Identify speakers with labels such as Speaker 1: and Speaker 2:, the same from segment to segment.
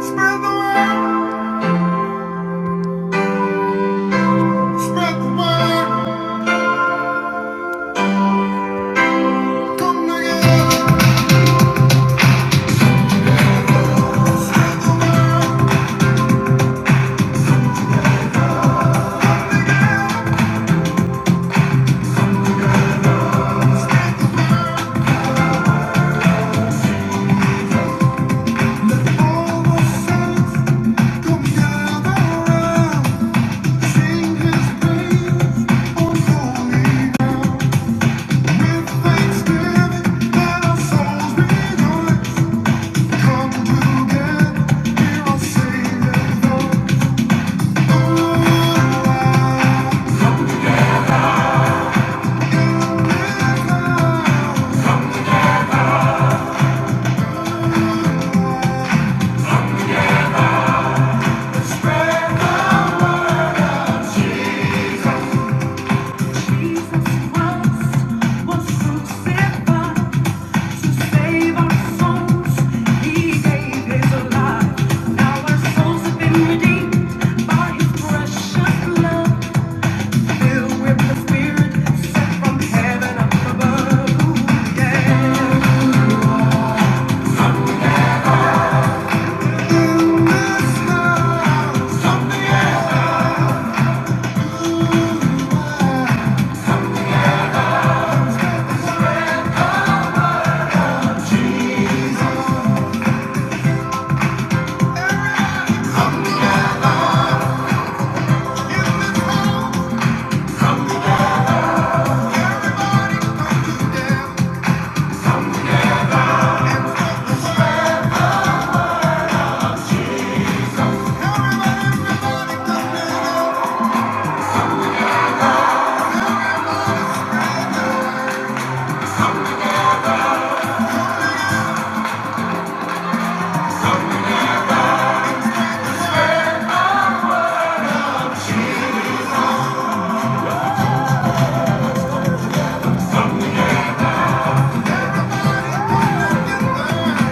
Speaker 1: Spread the word, spread the word, come together. All the saints come gather round. Sing his praise, oh holy ground. With thanksgiving, let our souls rejoice. Come together, hear our Savior's voice. Oh, loud is loud. Jesus Christ was crucified. Everybody, everybody, everybody, come down. Everybody, everybody, come down.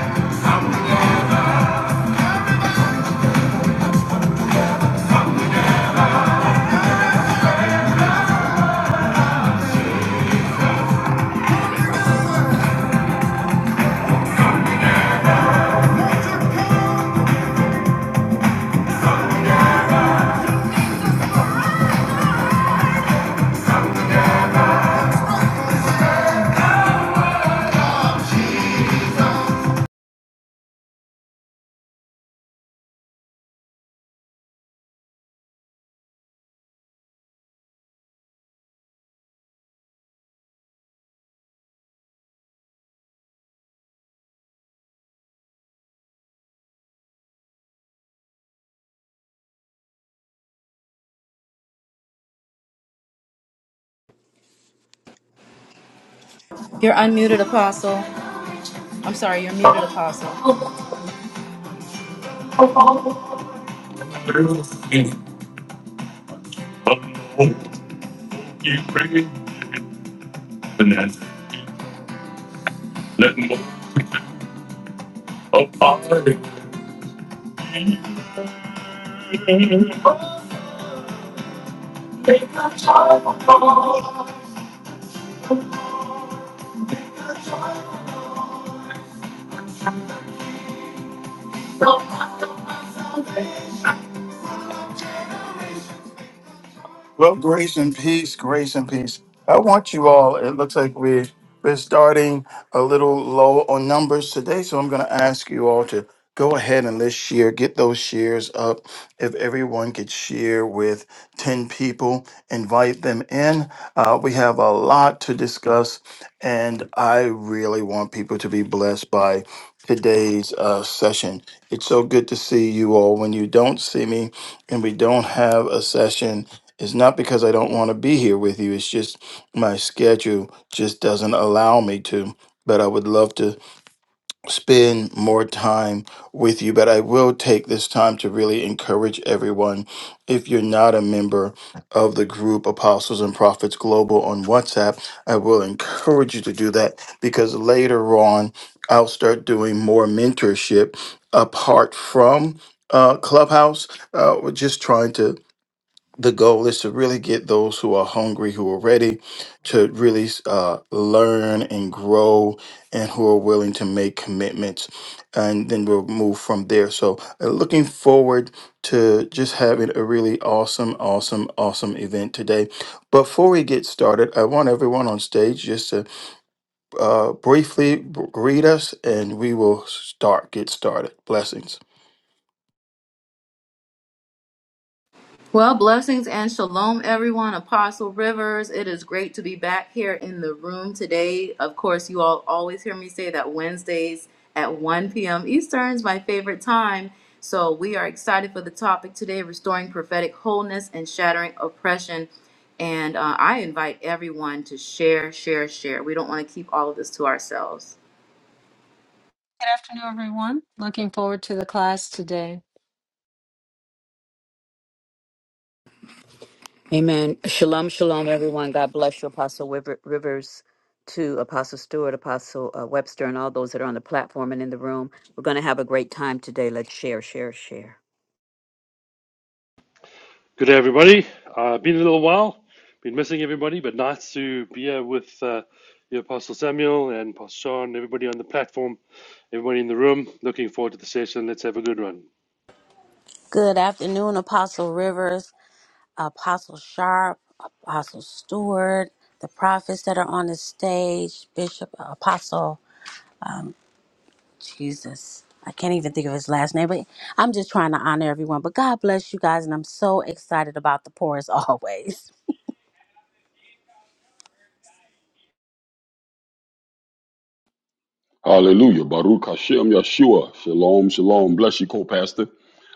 Speaker 2: You're unmuted, Apostle. I'm sorry, you're muted, Apostle.
Speaker 1: Let me Well, grace and peace, grace and peace. I want you all, it looks like we're, we're starting a little low on numbers today, so I'm going to ask you all to go ahead and let's share, get those shares up. If everyone could share with 10 people, invite them in. Uh, we have a lot to discuss, and I really want people to be blessed by today's uh, session. It's so good to see you all. When you don't see me and we don't have a session, it's not because I don't want to be here with you. It's just my schedule just doesn't allow me to. But I would love to spend more time with you. But I will take this time to really encourage everyone. If you're not a member of the group Apostles and Prophets Global on WhatsApp, I will encourage you to do that because later on, I'll start doing more mentorship apart from uh, Clubhouse. Uh, we're just trying to the goal is to really get those who are hungry, who are ready to really uh, learn and grow, and who are willing to make commitments. And then we'll move from there. So, uh, looking forward to just having a really awesome, awesome, awesome event today. Before we get started, I want everyone on stage just to uh, briefly b- greet us, and we will start, get started. Blessings.
Speaker 2: Well, blessings and shalom, everyone. Apostle Rivers, it is great to be back here in the room today. Of course, you all always hear me say that Wednesdays at 1 p.m. Eastern is my favorite time. So we are excited for the topic today restoring prophetic wholeness and shattering oppression. And uh, I invite everyone to share, share, share. We don't want to keep all of this to ourselves.
Speaker 3: Good afternoon, everyone. Looking forward to the class today.
Speaker 4: Amen. Shalom, shalom, everyone. God bless you, Apostle Wiver- Rivers, to Apostle Stewart, Apostle uh, Webster, and all those that are on the platform and in the room. We're going to have a great time today. Let's share, share, share.
Speaker 5: Good day, everybody. Uh, been a little while, been missing everybody, but nice to be here with uh, your Apostle Samuel and Pastor Sean, everybody on the platform, everybody in the room. Looking forward to the session. Let's have a good one.
Speaker 6: Good afternoon, Apostle Rivers, Apostle Sharp, Apostle Stewart, the prophets that are on the stage, Bishop, Apostle Jesus. I can't even think of his last name, but I'm just trying to honor everyone. But God bless you guys, and I'm so excited about the pour as always.
Speaker 7: Hallelujah. Baruch Hashem Yeshua. Shalom, shalom. Bless you, co-pastor.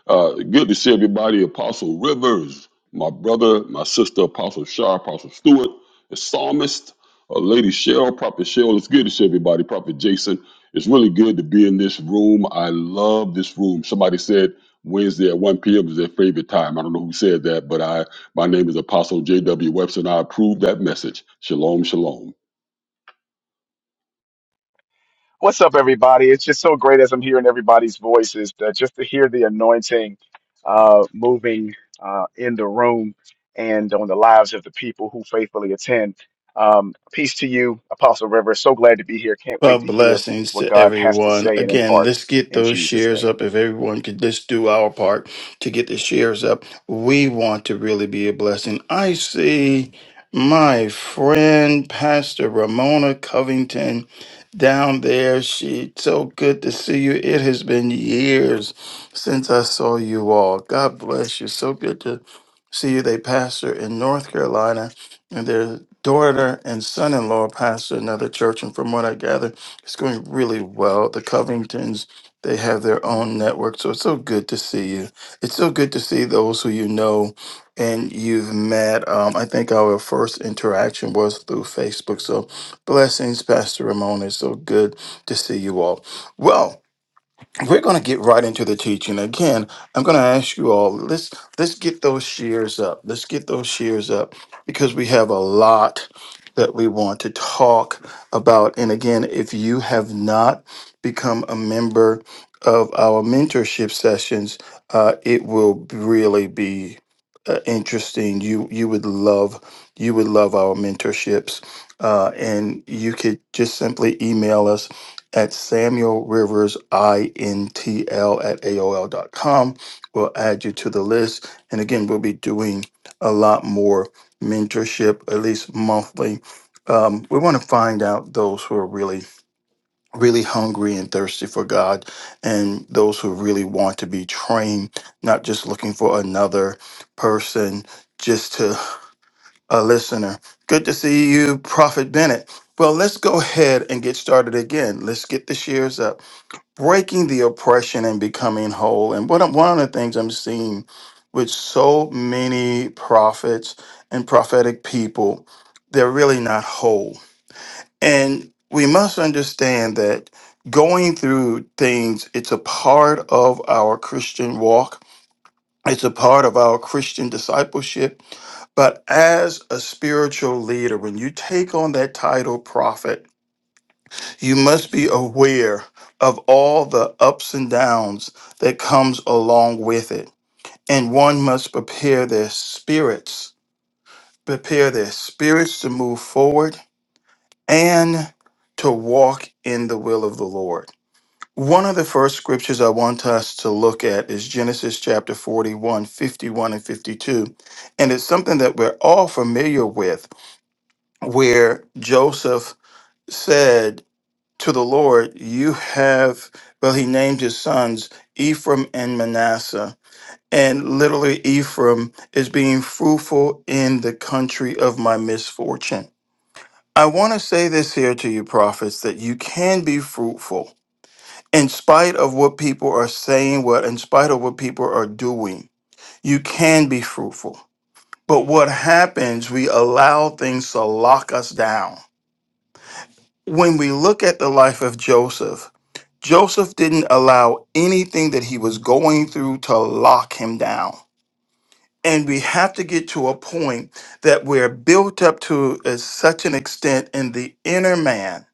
Speaker 7: Uh, good to see everybody. Apostle Rivers, my brother, my sister, Apostle Shar, Apostle Stewart, the psalmist, uh, Lady Cheryl, Prophet Cheryl. It's good to see everybody. Prophet Jason. It's really good to be in this room. I love this room. Somebody said Wednesday at 1 p.m. is their favorite time. I don't know who said that, but I my name is Apostle J.W. Webster, and I approve that message. Shalom, shalom.
Speaker 8: What's up, everybody? It's just so great as I'm hearing everybody's voices, that just to hear the anointing uh, moving uh, in the room and on the lives of the people who faithfully attend. Um, peace to you, Apostle Rivers. So glad to be here. Can't
Speaker 1: Well,
Speaker 8: wait to hear
Speaker 1: blessings
Speaker 8: what
Speaker 1: to
Speaker 8: God has to
Speaker 1: everyone.
Speaker 8: say and
Speaker 1: Again,
Speaker 8: impart
Speaker 1: let's get
Speaker 8: in
Speaker 1: those
Speaker 8: Jesus'
Speaker 1: shares
Speaker 8: name.
Speaker 1: up. If everyone could just do our part to get the shares up, we want to really be a blessing. I see my friend, Pastor Ramona Covington, down there. She so good to see you. It has been years since I saw you all. God bless you. So good to see you. They pastor in North Carolina and their daughter and son-in-law pastor another church and from what i gather it's going really well the covingtons they have their own network so it's so good to see you it's so good to see those who you know and you've met um, i think our first interaction was through facebook so blessings pastor ramon it's so good to see you all well we're going to get right into the teaching again i'm going to ask you all let's let's get those shears up let's get those shears up because we have a lot that we want to talk about and again if you have not become a member of our mentorship sessions uh, it will really be uh, interesting you you would love you would love our mentorships uh, and you could just simply email us at Samuel Rivers, I-N-T-L at aol dot com, We'll add you to the list. And again, we'll be doing a lot more mentorship, at least monthly. Um, we want to find out those who are really, really hungry and thirsty for God and those who really want to be trained, not just looking for another person, just to a listener. Good to see you, Prophet Bennett. Well, let's go ahead and get started again. Let's get the shares up breaking the oppression and becoming whole. And what I'm, one of the things I'm seeing with so many prophets and prophetic people, they're really not whole. And we must understand that going through things, it's a part of our Christian walk. It's a part of our Christian discipleship. But as a spiritual leader, when you take on that title prophet, you must be aware of all the ups and downs that comes along with it and one must prepare their spirits prepare their spirits to move forward and to walk in the will of the lord one of the first scriptures i want us to look at is genesis chapter 41, 51 and 52 and it's something that we're all familiar with where joseph said to the Lord, you have, well, he named his sons Ephraim and Manasseh. And literally, Ephraim is being fruitful in the country of my misfortune. I want to say this here to you, prophets, that you can be fruitful in spite of what people are saying, what in spite of what people are doing. You can be fruitful. But what happens, we allow things to lock us down. When we look at the life of Joseph, Joseph didn't allow anything that he was going through to lock him down. And we have to get to a point that we're built up to as such an extent in the inner man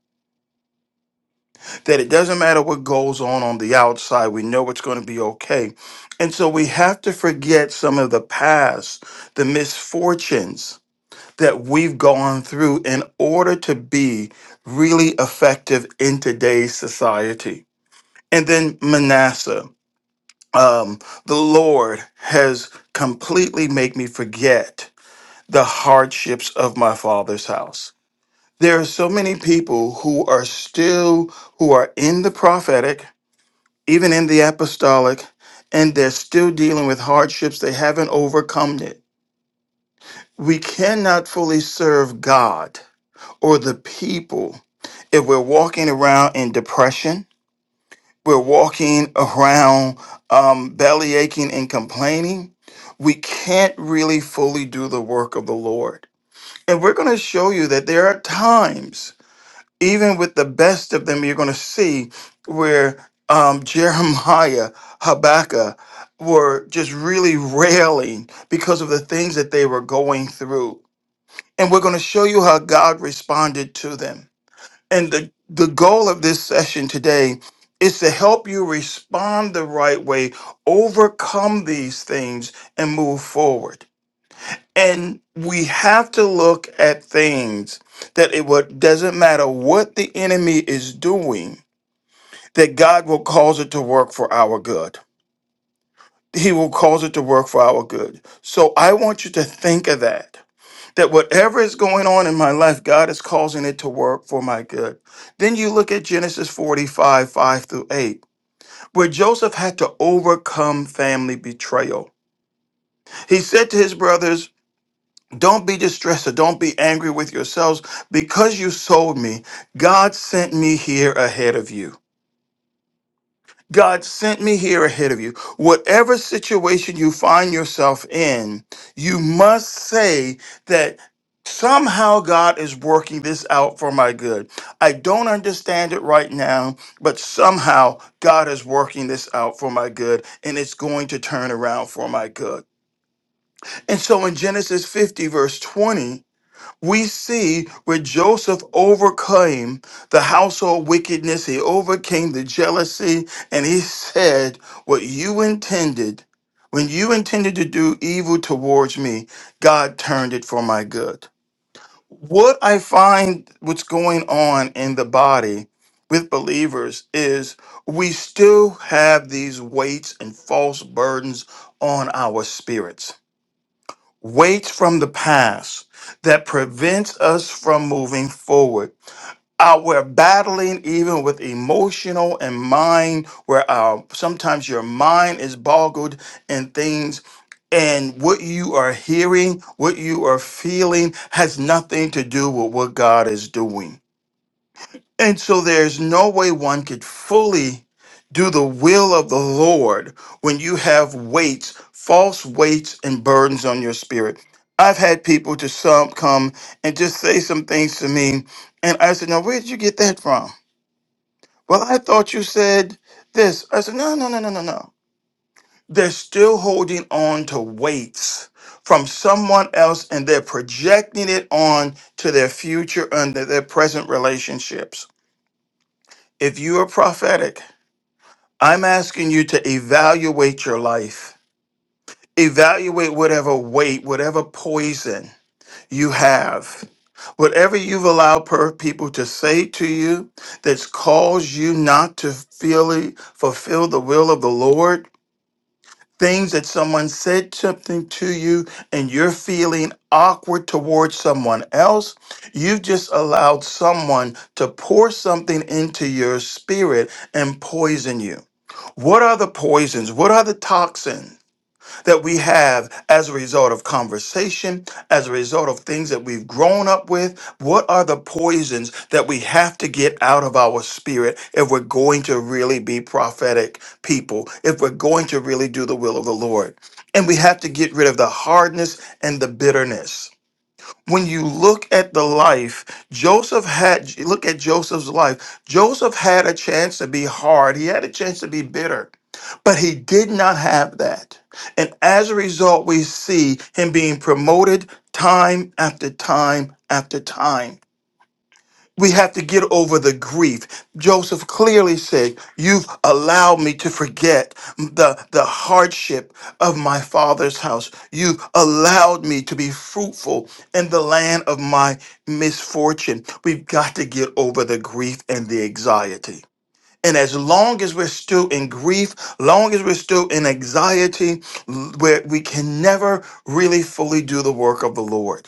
Speaker 1: that it doesn't matter what goes on on the outside, we know it's going to be okay. And so we have to forget some of the past, the misfortunes that we've gone through in order to be really effective in today's society. And then Manasseh. um, the Lord has completely made me forget the hardships of my father's house. There are so many people who are still who are in the prophetic, even in the apostolic, and they're still dealing with hardships. They haven't overcome it. We cannot fully serve God or the people if we're walking around in depression We're walking around um, belly aching and complaining. We can't really fully do the work of the Lord. And we're going to show you that there are times, even with the best of them, you're going to see where um, Jeremiah, Habakkuk were just really railing because of the things that they were going through. And we're going to show you how God responded to them. And the, the goal of this session today is to help you respond the right way, overcome these things, and move forward. And we have to look at things that it what doesn't matter what the enemy is doing, that God will cause it to work for our good. He will cause it to work for our good. So I want you to think of that that whatever is going on in my life, God is causing it to work for my good. Then you look at Genesis 45, 5 through 8, where Joseph had to overcome family betrayal. He said to his brothers, Don't be distressed or don't be angry with yourselves because you sold me. God sent me here ahead of you. God sent me here ahead of you. Whatever situation you find yourself in, you must say that somehow God is working this out for my good. I don't understand it right now, but somehow God is working this out for my good and it's going to turn around for my good. And so in Genesis 50, verse 20, we see where Joseph overcame the household wickedness, he overcame the jealousy, and he said, What you intended, when you intended to do evil towards me, God turned it for my good. What I find what's going on in the body with believers is we still have these weights and false burdens on our spirits weights from the past that prevents us from moving forward. Uh, we're battling even with emotional and mind, where uh, sometimes your mind is boggled in things, and what you are hearing, what you are feeling, has nothing to do with what God is doing. And so there's no way one could fully do the will of the Lord when you have weights, false weights and burdens on your spirit. I've had people to some come and just say some things to me, and I said, "Now, where did you get that from?" Well, I thought you said this. I said, "No, no, no, no, no, no." They're still holding on to weights from someone else, and they're projecting it on to their future and their their present relationships. If you are prophetic, I'm asking you to evaluate your life. Evaluate whatever weight, whatever poison you have, whatever you've allowed per people to say to you that's caused you not to feel fulfill the will of the Lord. Things that someone said something to you and you're feeling awkward towards someone else, you've just allowed someone to pour something into your spirit and poison you. What are the poisons? What are the toxins that we have as a result of conversation, as a result of things that we've grown up with? What are the poisons that we have to get out of our spirit if we're going to really be prophetic people, if we're going to really do the will of the Lord? And we have to get rid of the hardness and the bitterness when you look at the life joseph had look at joseph's life joseph had a chance to be hard he had a chance to be bitter but he did not have that and as a result we see him being promoted time after time after time we have to get over the grief. Joseph clearly said, You've allowed me to forget the, the hardship of my father's house. You've allowed me to be fruitful in the land of my misfortune. We've got to get over the grief and the anxiety. And as long as we're still in grief, long as we're still in anxiety, l- where we can never really fully do the work of the Lord.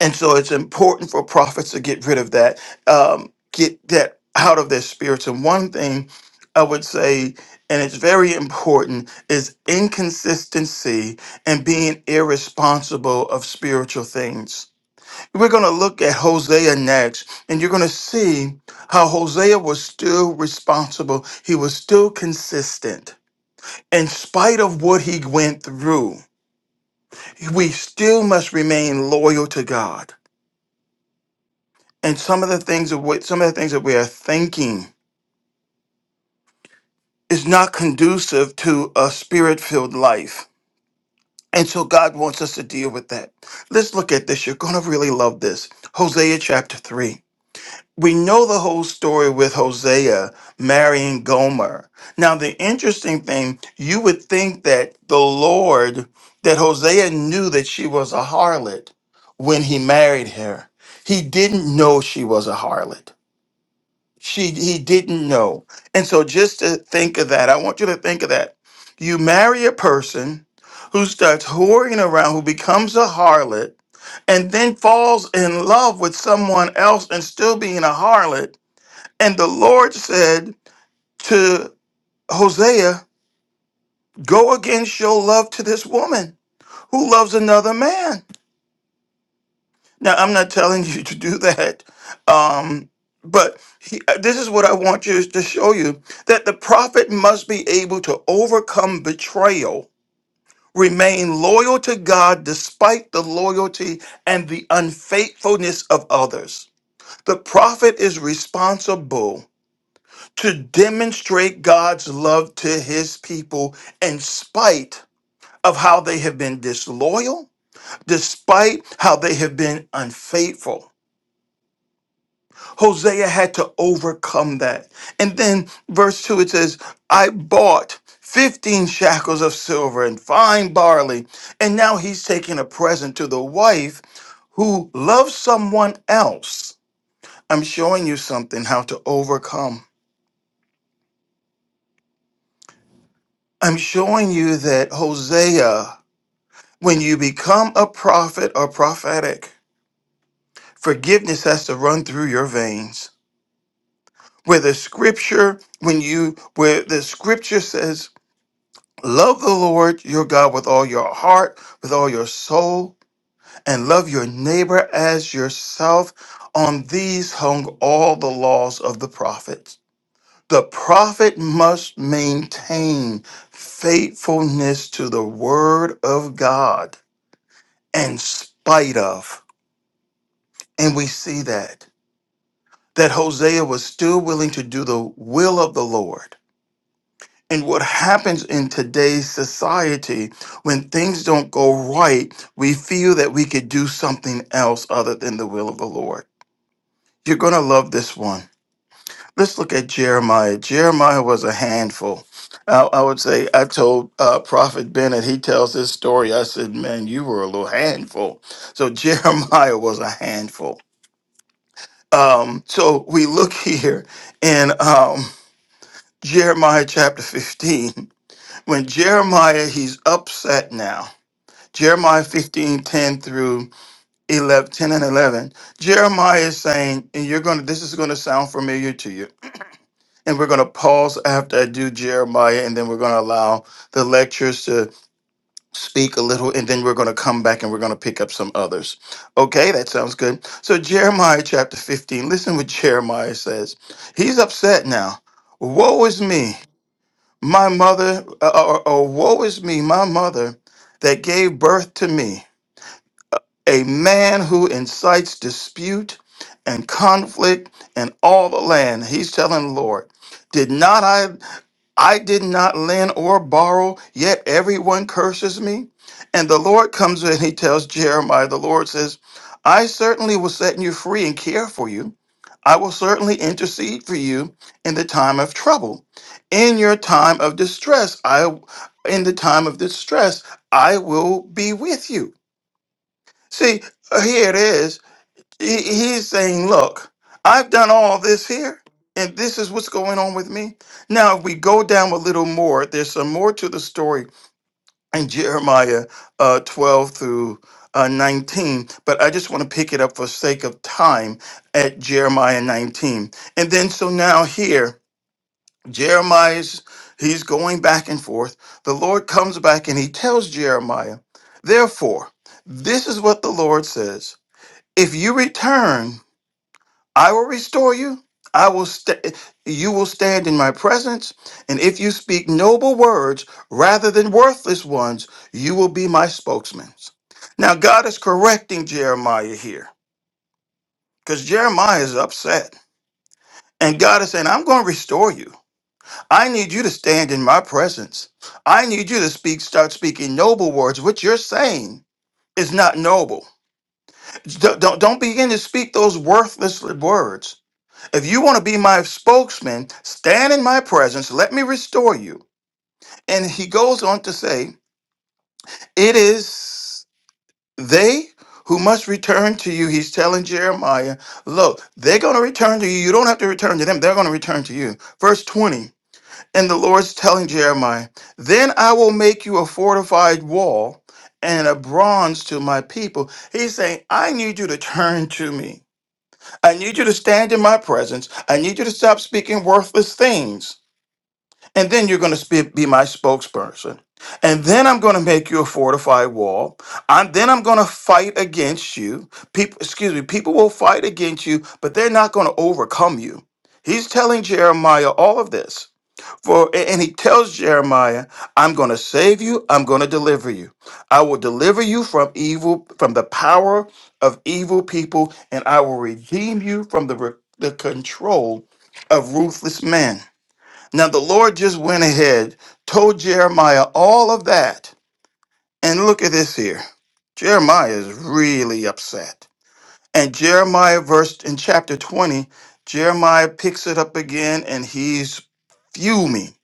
Speaker 1: And so it's important for prophets to get rid of that, um, get that out of their spirits. And one thing I would say, and it's very important, is inconsistency and being irresponsible of spiritual things. We're going to look at Hosea next, and you're going to see how Hosea was still responsible. He was still consistent. In spite of what he went through, we still must remain loyal to God. and some of the things of what some of the things that we are thinking is not conducive to a spirit-filled life. And so God wants us to deal with that. Let's look at this. You're going to really love this. Hosea chapter 3. We know the whole story with Hosea marrying Gomer. Now, the interesting thing, you would think that the Lord, that Hosea knew that she was a harlot when he married her. He didn't know she was a harlot she he didn't know. And so just to think of that, I want you to think of that. You marry a person who starts whoring around, who becomes a harlot, and then falls in love with someone else and still being a harlot. And the Lord said to Hosea, Go against your love to this woman who loves another man. Now, I'm not telling you to do that, um, but he, uh, this is what I want you to show you that the prophet must be able to overcome betrayal, remain loyal to God despite the loyalty and the unfaithfulness of others. The prophet is responsible to demonstrate God's love to his people in spite of how they have been disloyal, despite how they have been unfaithful. Hosea had to overcome that. And then verse 2 it says, I bought 15 shackles of silver and fine barley. And now he's taking a present to the wife who loves someone else. I'm showing you something how to overcome. I'm showing you that Hosea, when you become a prophet or prophetic, forgiveness has to run through your veins. Where the scripture, when you, where the scripture says Love the Lord your God with all your heart, with all your soul, and love your neighbor as yourself. On these hung all the laws of the prophets. The prophet must maintain faithfulness to the word of God in spite of. And we see that, that Hosea was still willing to do the will of the Lord And what happens in today's society when things don't go right, we feel that we could do something else other than the will of the Lord. You're going to love this one. Let's look at Jeremiah. Jeremiah was a handful. I, I would say, I told uh, Prophet Bennett, he tells this story. I said, Man, you were a little handful. So Jeremiah was a handful. Um, so we look here in um, Jeremiah chapter 15. When Jeremiah, he's upset now. Jeremiah 15 10 through 11 10 and 11. Jeremiah is saying, and you're going to, this is going to sound familiar to you. And we're going to pause after I do Jeremiah, and then we're going to allow the lectures to speak a little, and then we're going to come back and we're going to pick up some others. Okay, that sounds good. So, Jeremiah chapter 15, listen what Jeremiah says. He's upset now. Woe is me. My mother, uh, or, or woe is me, my mother that gave birth to me, a man who incites dispute and conflict in all the land. He's telling the Lord, Did not I? I did not lend or borrow, yet everyone curses me. And the Lord comes and he tells Jeremiah, the Lord says, I certainly will set you free and care for you. I will certainly intercede for you in the time of trouble. In your time of distress, I in the time of distress, I will be with you. See, here it is. He- he's saying, Look, I've done all this here, and this is what's going on with me. Now, if we go down a little more, there's some more to the story in Jeremiah uh, 12 through uh, 19, but I just want to pick it up for sake of time at Jeremiah 19. And then, so now here, Jeremiah's, he's going back and forth. The Lord comes back and he tells Jeremiah, Therefore, this is what the Lord says. If you return I will restore you. I will sta you will stand in my presence, and if you speak noble words rather than worthless ones, you will be my spokesman. Now God is correcting Jeremiah here because Jeremiah is upset. And God is saying, I'm going to restore you. I need you to stand in my presence. I need you to speak, start speaking noble words. What you're saying is not noble. Don't, don't, don't begin to speak those worthless words If you want to be my spokesman, stand in my presence, let me restore you. And he goes on to say, It is they who must return to you. He's telling Jeremiah, Look, they're going to return to you. You don't have to return to them, they're going to return to you. Verse 20, and the Lord's telling Jeremiah, Then I will make you a fortified wall and a bronze to my people. He's saying, I need you to turn to me. I need you to stand in my presence. I need you to stop speaking worthless things. and then you're going to be my spokesperson. And then I'm going to make you a fortified wall. And then I'm going to fight against you. People, excuse me, people will fight against you, but they're not going to overcome you. He's telling Jeremiah all of this. For and he tells Jeremiah, I'm going to save you, I'm going to deliver you. I will deliver you from evil from the power of evil people and I will redeem you from the the control of ruthless men. Now the Lord just went ahead, told Jeremiah all of that. And look at this here. Jeremiah is really upset. And Jeremiah verse in chapter 20, Jeremiah picks it up again and he's fuming.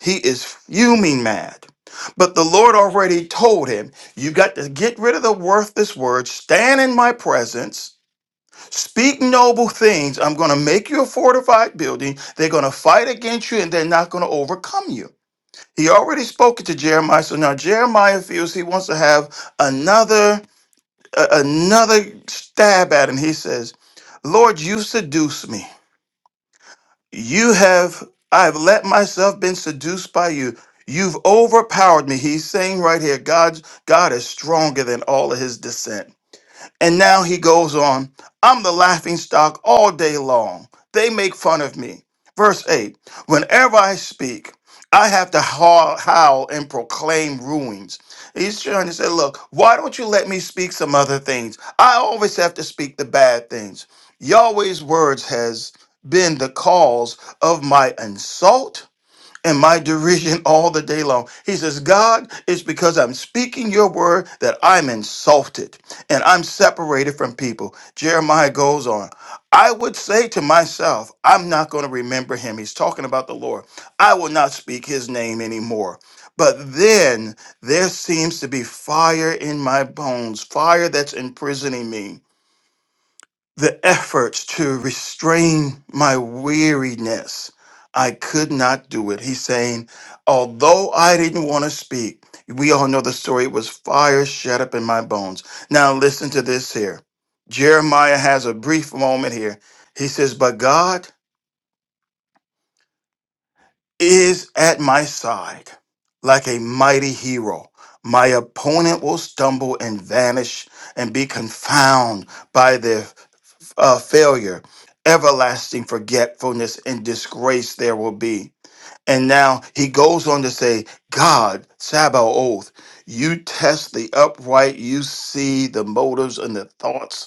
Speaker 1: He is fuming mad. But the Lord already told him, you got to get rid of the worthless words, stand in my presence, speak noble things. I'm going to make you a fortified building. They're going to fight against you and they're not going to overcome you. He already spoken to Jeremiah, so now Jeremiah feels he wants to have another a- another stab at him. He says, "Lord, you seduce me. You have I've let myself been seduced by you. You've overpowered me." He's saying right here, God God is stronger than all of his dissent. And now he goes on, I'm the laughing stock all day long. They make fun of me. Verse 8 Whenever I speak, I have to howl, howl and proclaim ruins. He's trying to say, Look, why don't you let me speak some other things? I always have to speak the bad things. Yahweh's words has been the cause of my insult and my derision all the day long. He says, God, it's because I'm speaking your word that I'm insulted and I'm separated from people. Jeremiah goes on, I would say to myself, I'm not going to remember him. He's talking about the Lord. I will not speak his name anymore. But then there seems to be fire in my bones, fire that's imprisoning me the efforts to restrain my weariness. I could not do it. He's saying, although I didn't want to speak, we all know the story. It was fire shut up in my bones. Now, listen to this here. Jeremiah has a brief moment here. He says, But God is at my side like a mighty hero. My opponent will stumble and vanish and be confounded by their uh, failure, everlasting forgetfulness and disgrace there will be. And now he goes on to say, God, Sabbath oath, you test the upright, you see the motives and the thoughts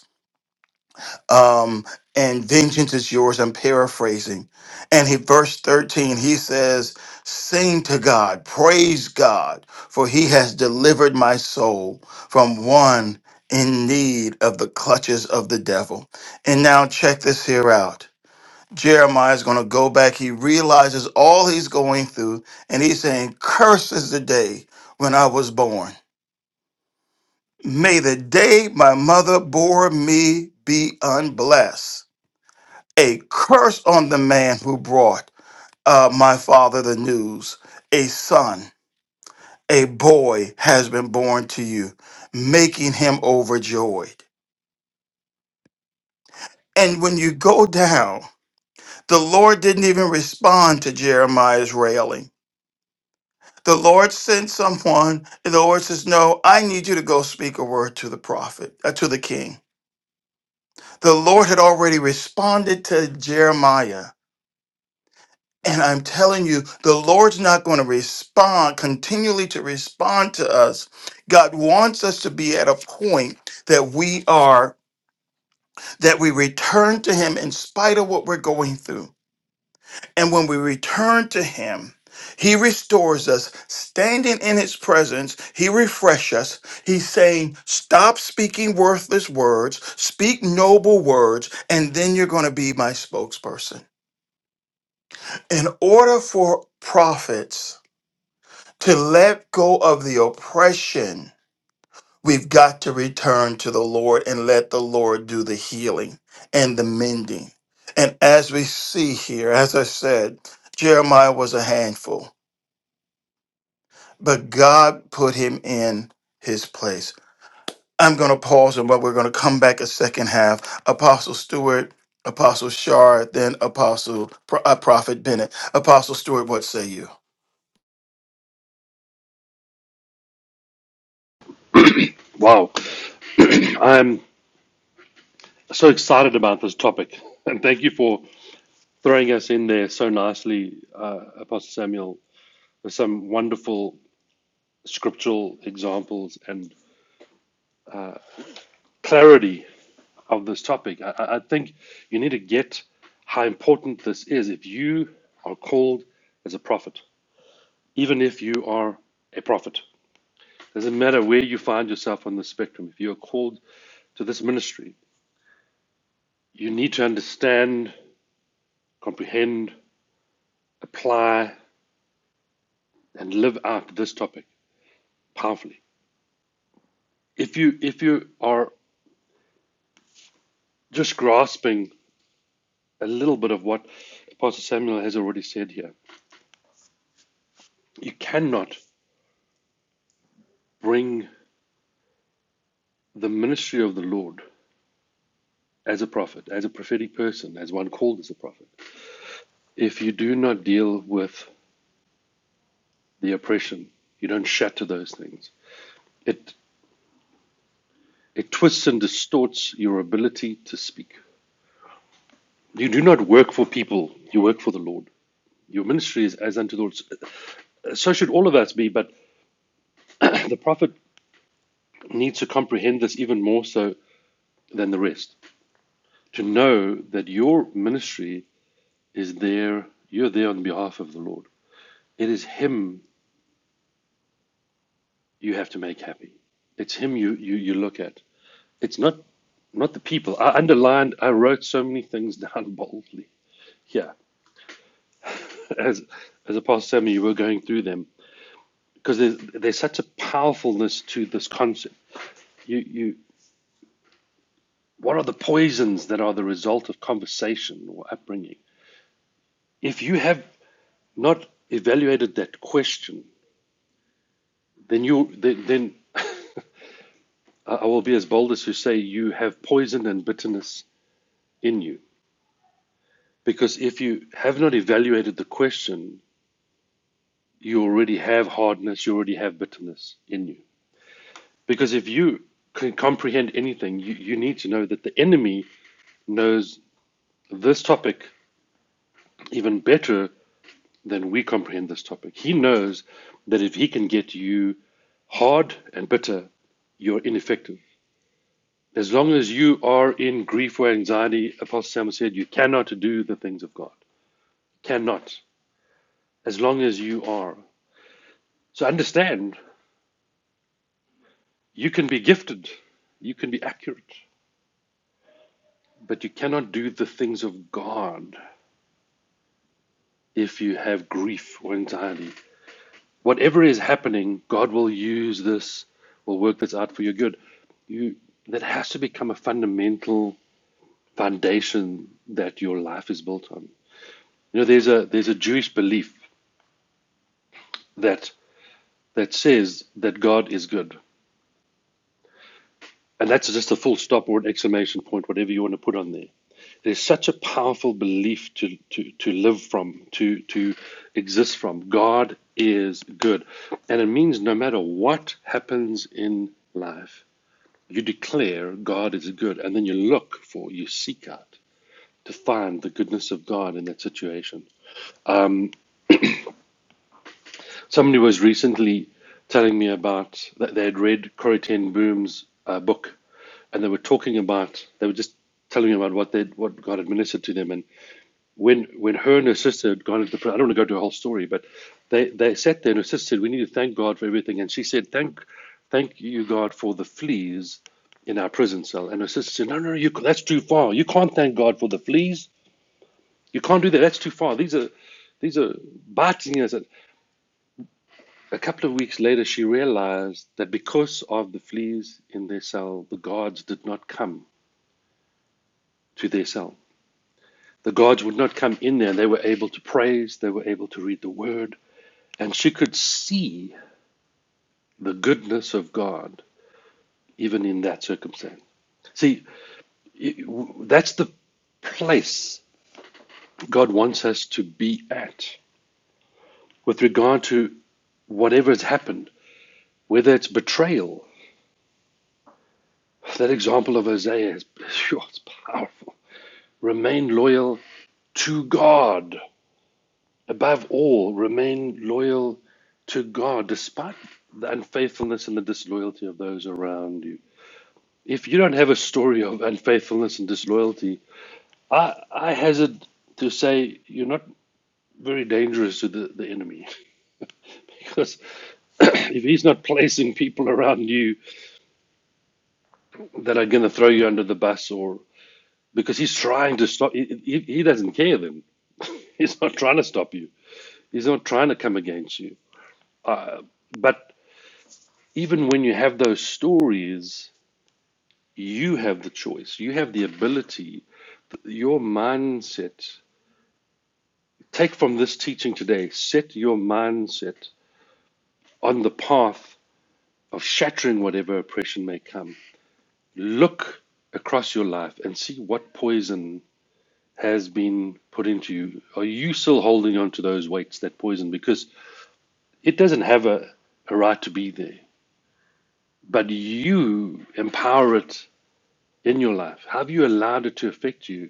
Speaker 1: um, and vengeance is yours. I'm paraphrasing. And he, verse 13, he says, Sing to God, praise God, for he has delivered my soul from one in need of the clutches of the devil. And now check this here out. Jeremiah is going to go back. He realizes all he's going through, and he's saying, Curse is the day when I was born. May the day my mother bore me be unblessed a curse on the man who brought uh, my father the news. A son, a boy has been born to you, making him overjoyed. And when you go down, the Lord didn't even respond to Jeremiah's railing. The Lord sent someone, and the Lord says, No, I need you to go speak a word to the prophet, uh, to the king. The Lord had already responded to Jeremiah And I'm telling you, the Lord's not going to respond, continually to respond to us. God wants us to be at a point that we are, that we return to Him in spite of what we're going through. And when we return to Him, He restores us. Standing in His presence, He refreshes us. He's saying, Stop speaking worthless words, speak noble words, and then you're going to be my spokesperson. In order for prophets, To let go of the oppression, we've got to return to the Lord and let the Lord do the healing and the mending. And as we see here, as I said, Jeremiah was a handful, but God put him in his place. I'm going to pause and but we're going to come back a second half. Apostle Stewart, Apostle Shard, then Apostle Pro- uh, Prophet Bennett. Apostle Stewart, what say you?
Speaker 5: Wow, I'm so excited about this topic, and thank you for throwing us in there so nicely, uh, Apostle Samuel, with some wonderful scriptural examples and clarity of this topic. I, I think you need to get how important this is if you are called as a prophet, even if you are a prophet. Doesn't matter where you find yourself on the spectrum, if you are called to this ministry, you need to understand, comprehend, apply, and live out this topic powerfully. If you if you are just grasping a little bit of what Apostle Samuel has already said here, you cannot bring the ministry of the Lord as a prophet, as a prophetic person, as one called as a prophet, if you do not deal with the oppression, you don't shatter those things. It it twists and distorts your ability to speak. You do not work for people, you work for the Lord. Your ministry is as unto the Lord. So should all of us be, but the prophet needs to comprehend this even more so than the rest. To know that your ministry is there, you're there on behalf of the Lord. It is Him you have to make happy. It's Him you, you, you look at. It's not not the people. I underlined. I wrote so many things down boldly. Yeah, as as a pastor Sammy, you were going through them because there's there's such a powerfulness to this concept. You you what are the poisons that are the result of conversation or upbringing? If you have not evaluated that question, then you then, then I will be as bold as to say you have poison and bitterness in you. Because if you have not evaluated the question, you already have hardness, you already have bitterness in you. Because if you can comprehend anything, you, you need to know that the enemy knows this topic even better than we comprehend this topic. He knows that if he can get you hard and bitter, you're ineffective. As long as you are in grief or anxiety, Apostle Samuel said, you cannot do the things of God. Cannot. As long as you are. So understand, you can be gifted, you can be accurate, But you cannot do the things of God if you have grief or anxiety. Whatever is happening, God will use this, will work this out for your good. You that has to become a fundamental foundation that your life is built on. You know, there's a there's a Jewish belief that that says that God is good. And that's just a full stop or an exclamation point, whatever you want to put on there. There's such a powerful belief to, to, to live from, to, to exist from. God is good. And it means no matter what happens in life, you declare God is good. And then you look for, you seek out to find the goodness of God in that situation. Somebody was recently telling me about that they had read Corrie Ten Boom's uh, book, and they were talking about they were just telling me about what they what God administered to them, and when when her and her sister had gone into prayer, I don't want to go to a whole story, but they they sat there and her sister said, "We need to thank God for everything," and she said, "Thank thank you God for the fleas in our prison cell," and her sister said, "No, no, no, you that's too far. You can't thank God for the fleas. You can't do that. That's too far. These are." These are biting us. And a couple of weeks later, she realized that because of the fleas in their cell, the guards did not come to their cell. The guards would not come in there. They were able to praise, they were able to read the word, and she could see the goodness of God even in that circumstance. See, that's the place God wants us to be at with regard to whatever has happened, whether it's betrayal. That example of Hosea is phew, it's powerful. Remain loyal to God. Above all, remain loyal to God despite the unfaithfulness and the disloyalty of those around you. If you don't have a story of unfaithfulness and disloyalty, I, I hazard to say you're not very dangerous to the, the enemy because if he's not placing people around you that are going to throw you under the bus or because he's trying to stop he, he he doesn't care then he's not trying to stop you he's not trying to come against you uh, but even when you have those stories, you have the choice. You have the ability. Your mindset. Take from this teaching today. Set your mindset on the path of shattering whatever oppression may come. Look across your life and see what poison has been put into you. Are you still holding on to those weights, that poison? Because it doesn't have a, a right to be there, but you empower it in your life. Have you allowed it to affect you?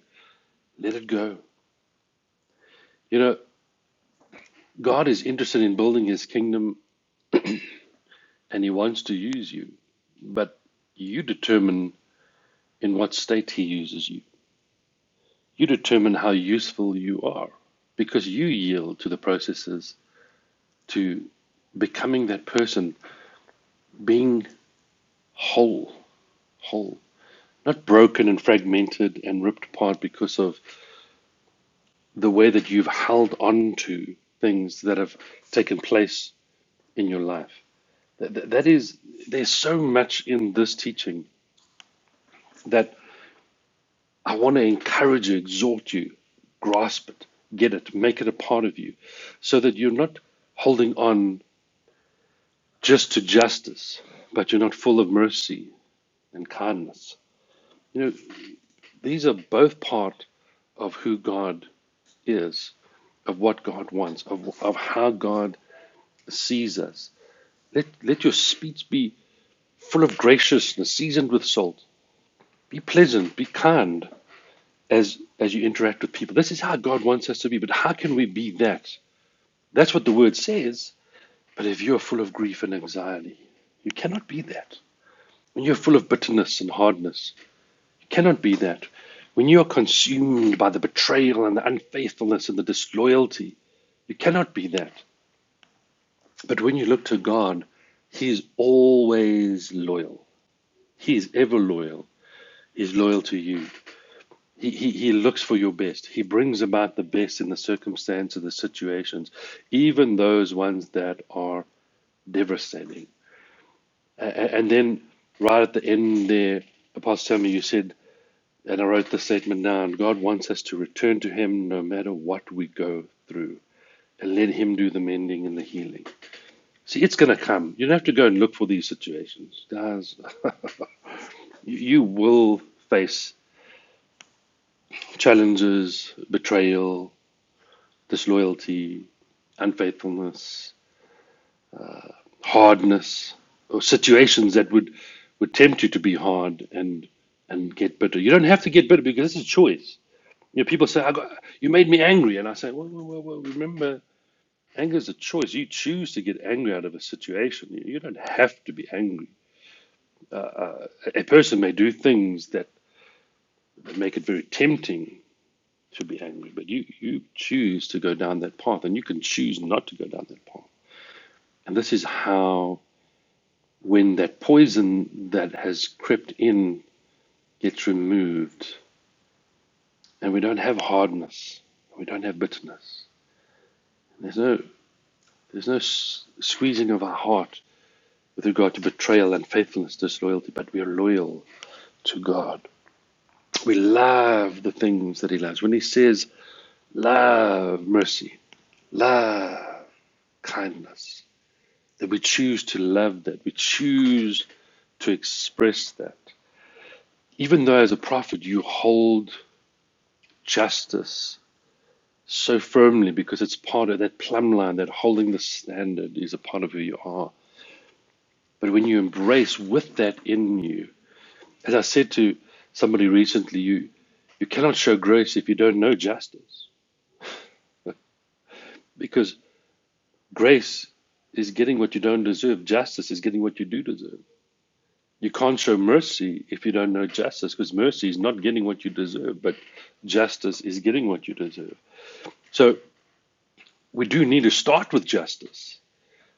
Speaker 5: Let it go. You know, God is interested in building his kingdom and he wants to use you, but you determine in what state he uses you. You determine how useful you are because you yield to the processes to becoming that person, being whole, whole, not broken and fragmented and ripped apart because of the way that you've held on to things that have taken place in your life. That, that is, there's so much in this teaching that I want to encourage you, exhort you, grasp it, get it, make it a part of you, so that you're not holding on just to justice, but you're not full of mercy and kindness. You know, these are both part of who God is, of what God wants, of, of how God sees us. Let, let your speech be full of graciousness, seasoned with salt. Be pleasant, be kind, as as you interact with people. This is how God wants us to be, but how can we be that? That's what the word says. But if you are full of grief and anxiety, you cannot be that. When you're full of bitterness and hardness, you cannot be that. When you are consumed by the betrayal and the unfaithfulness and the disloyalty, you cannot be that. But when you look to God, He is always loyal. He is ever loyal. He is loyal to you. He, he, he looks for your best. He brings about the best in the circumstances, the situations, even those ones that are devastating. And then, right at the end there, Apostle Samuel, you said, and I wrote the statement down God wants us to return to Him no matter what we go through, and let Him do the mending and the healing. See, it's going to come. You don't have to go and look for these situations. Guys, you will face challenges, betrayal, disloyalty, unfaithfulness, hardness, or situations that would, would tempt you to be hard and and get bitter. You don't have to get bitter because it's a choice. You know, people say, I got, "You made me angry," and I say, "Well, well, well, well remember." Anger is a choice. You choose to get angry out of a situation. You you don't have to be angry. A a person may do things that that make it very tempting to be angry, but you, you choose to go down that path and you can choose not to go down that path. And this is how when that poison that has crept in gets removed and we don't have hardness, we don't have bitterness. There's no, there's no squeezing of our heart with regard to betrayal, unfaithfulness, disloyalty, but we are loyal to God. We love the things that He loves. When He says, love mercy, love kindness, that we choose to love that, we choose to express that. Even though as a prophet you hold justice so firmly because it's part of that plumb line that holding the standard is a part of who you are. But when you embrace with that in you, as I said to somebody recently, you you cannot show grace if you don't know justice because grace is getting what you don't deserve. Justice is getting what you do deserve. You can't show mercy if you don't know justice because mercy is not getting what you deserve, but justice is getting what you deserve. So we do need to start with justice.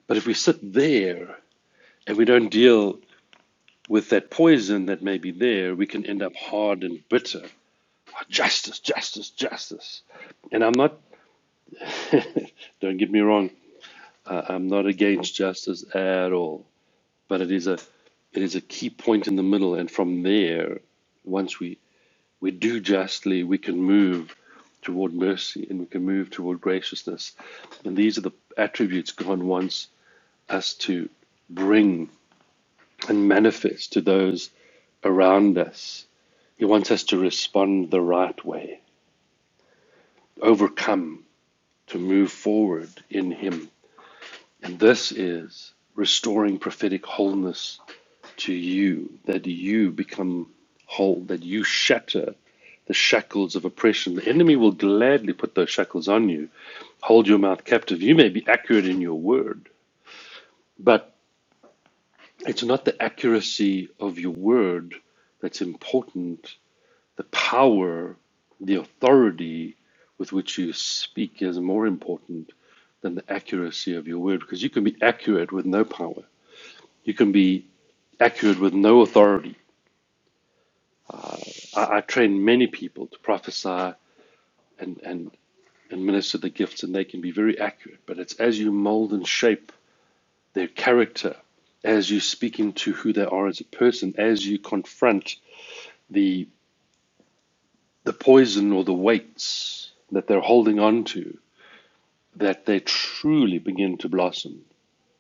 Speaker 5: But if we sit there and we don't deal with that poison that may be there, we can end up hard and bitter. Oh, Justice, justice, justice. And I'm not, don't get me wrong, I- I'm not against justice at all. But it is a, it is a key point in the middle. And from there, once we, we do justly, we can move toward mercy and we can move toward graciousness. And these are the attributes God wants us to bring and manifest to those around us He wants us to respond the right way, overcome, to move forward in Him. And this is restoring prophetic wholeness to you, that you become whole, that you shatter the shackles of oppression. The enemy will gladly put those shackles on you, hold your mouth captive. You may be accurate in your word, but it's not the accuracy of your word that's important. the power, the authority with which you speak is more important than the accuracy of your word because you can be accurate with no power. You can be accurate with no authority. I, I train many people to prophesy and, and, and minister the gifts, and they can be very accurate. But it's as you mold and shape their character, as you speak into who they are as a person, as you confront the the poison or the weights that they're holding on to, that they truly begin to blossom.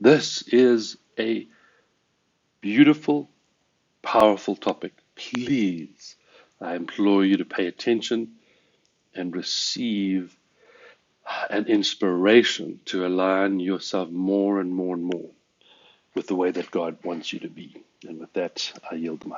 Speaker 5: This is a beautiful, powerful topic. Please, I implore you to pay attention and receive an inspiration to align yourself more and more and more with the way that God wants you to be. And with that, I yield the mic.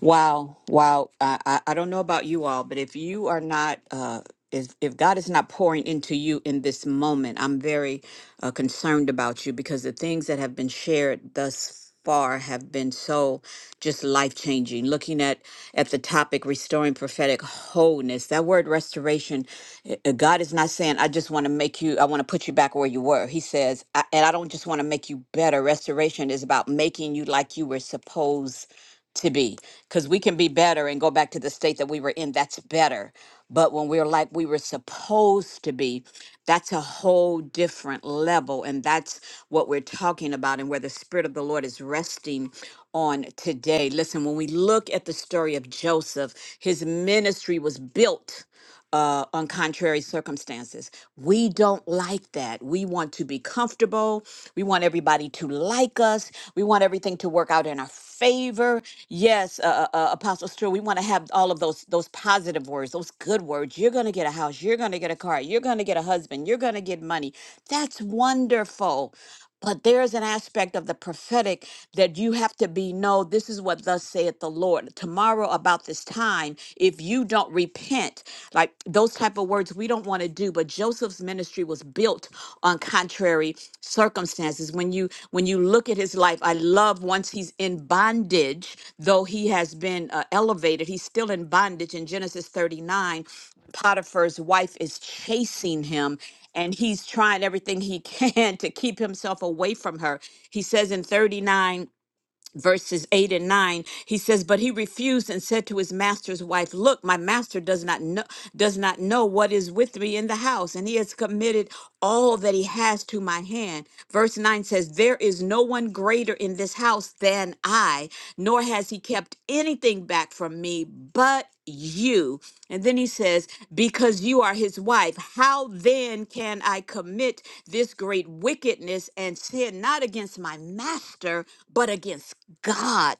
Speaker 4: Wow, wow. I, I, I don't know about you all, but if you are not, uh, if, if God is not pouring into you in this moment, I'm very uh, concerned about you because the things that have been shared thus far have been so just life changing. Looking at at the topic, restoring prophetic wholeness, that word restoration, uh, uh, God is not saying, I just want to make you, I want to put you back where you were. He says, I, and I don't just want to make you better. Restoration is about making you like you were supposed to be because we can be better and go back to the state that we were in that's better but when we're like we were supposed to be that's a whole different level and that's what we're talking about and where the spirit of the lord is resting on today listen when we look at the story of joseph his ministry was built uh, on contrary circumstances. We don't like that. We want to be comfortable. We want everybody to like us. We want everything to work out in our favor. Yes, uh, uh, uh, Apostle Stewart, we want to have all of those those positive words, those good words. You're going to get a house. You're going to get a car. You're going to get a husband. You're going to get money. That's wonderful but there's an aspect of the prophetic that you have to be no this is what thus saith the lord tomorrow about this time if you don't repent like those type of words we don't want to do but joseph's ministry was built on contrary circumstances when you when you look at his life i love once he's in bondage though he has been uh, elevated he's still in bondage in genesis 39 Potiphar's wife is chasing him and he's trying everything he can to keep himself away from her. He says in 39 verses 8 and 9 he says but he refused and said to his master's wife, 'Look, my master does not know does not know what is with me in the house and he has committed all that he has to my hand verse 9 says there is no one greater in this house than i I, nor has he kept anything back from me but you. And then he says, Because you are his wife, how then can I commit this great wickedness and sin not against my master, but against God?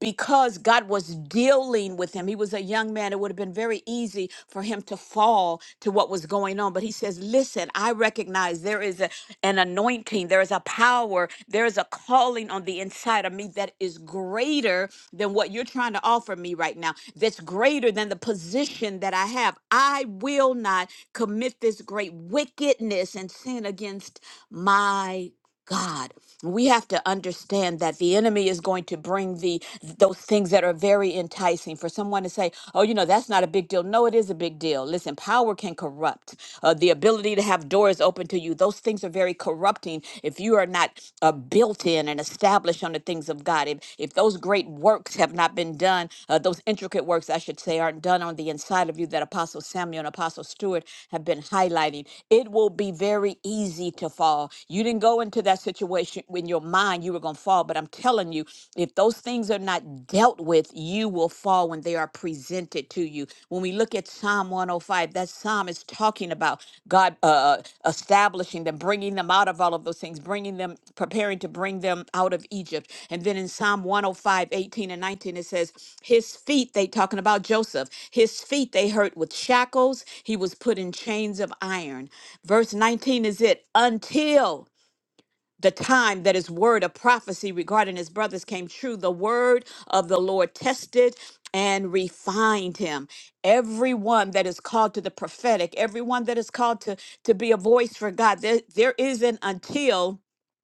Speaker 4: because God was dealing with him. He was a young man. It would have been very easy for him to fall to what was going on. But he says, Listen, I recognize there is a- an anointing, there is a power, there is a calling on the inside of me that is greater than what you're trying to offer me right now, that's greater than the position that I have. I will not commit this great wickedness and sin against my God. We have to understand that the enemy is going to bring the those things that are very enticing for someone to say, "Oh, you know, that's not a big deal." No, it is a big deal. Listen, power can corrupt. Uh, the ability to have doors open to you, those things are very corrupting if you are not uh, built in and established on the things of God. If if those great works have not been done, uh, those intricate works, I should say, aren't done on the inside of you that Apostle Samuel and Apostle Stewart have been highlighting, it will be very easy easy to fall. You didn't go into that situation in your mind you were going to fall, but I'm telling you, if those things are not dealt with, you will fall when they are presented to you. When we look at Psalm 105, that psalm is talking about God uh, uh, establishing them, bringing them out of all of those things, bringing them, preparing to bring them out of Egypt. And then in Psalm 105, 18 and 19, it says, His feet, they talking about Joseph, his feet they hurt with shackles. He was put in chains of iron. Verse 19 is it until the time that his word of prophecy regarding his brothers came true, the word of the Lord tested and refined him. Everyone that is called to the prophetic, everyone that is called to, to be a voice for God, there, there is an until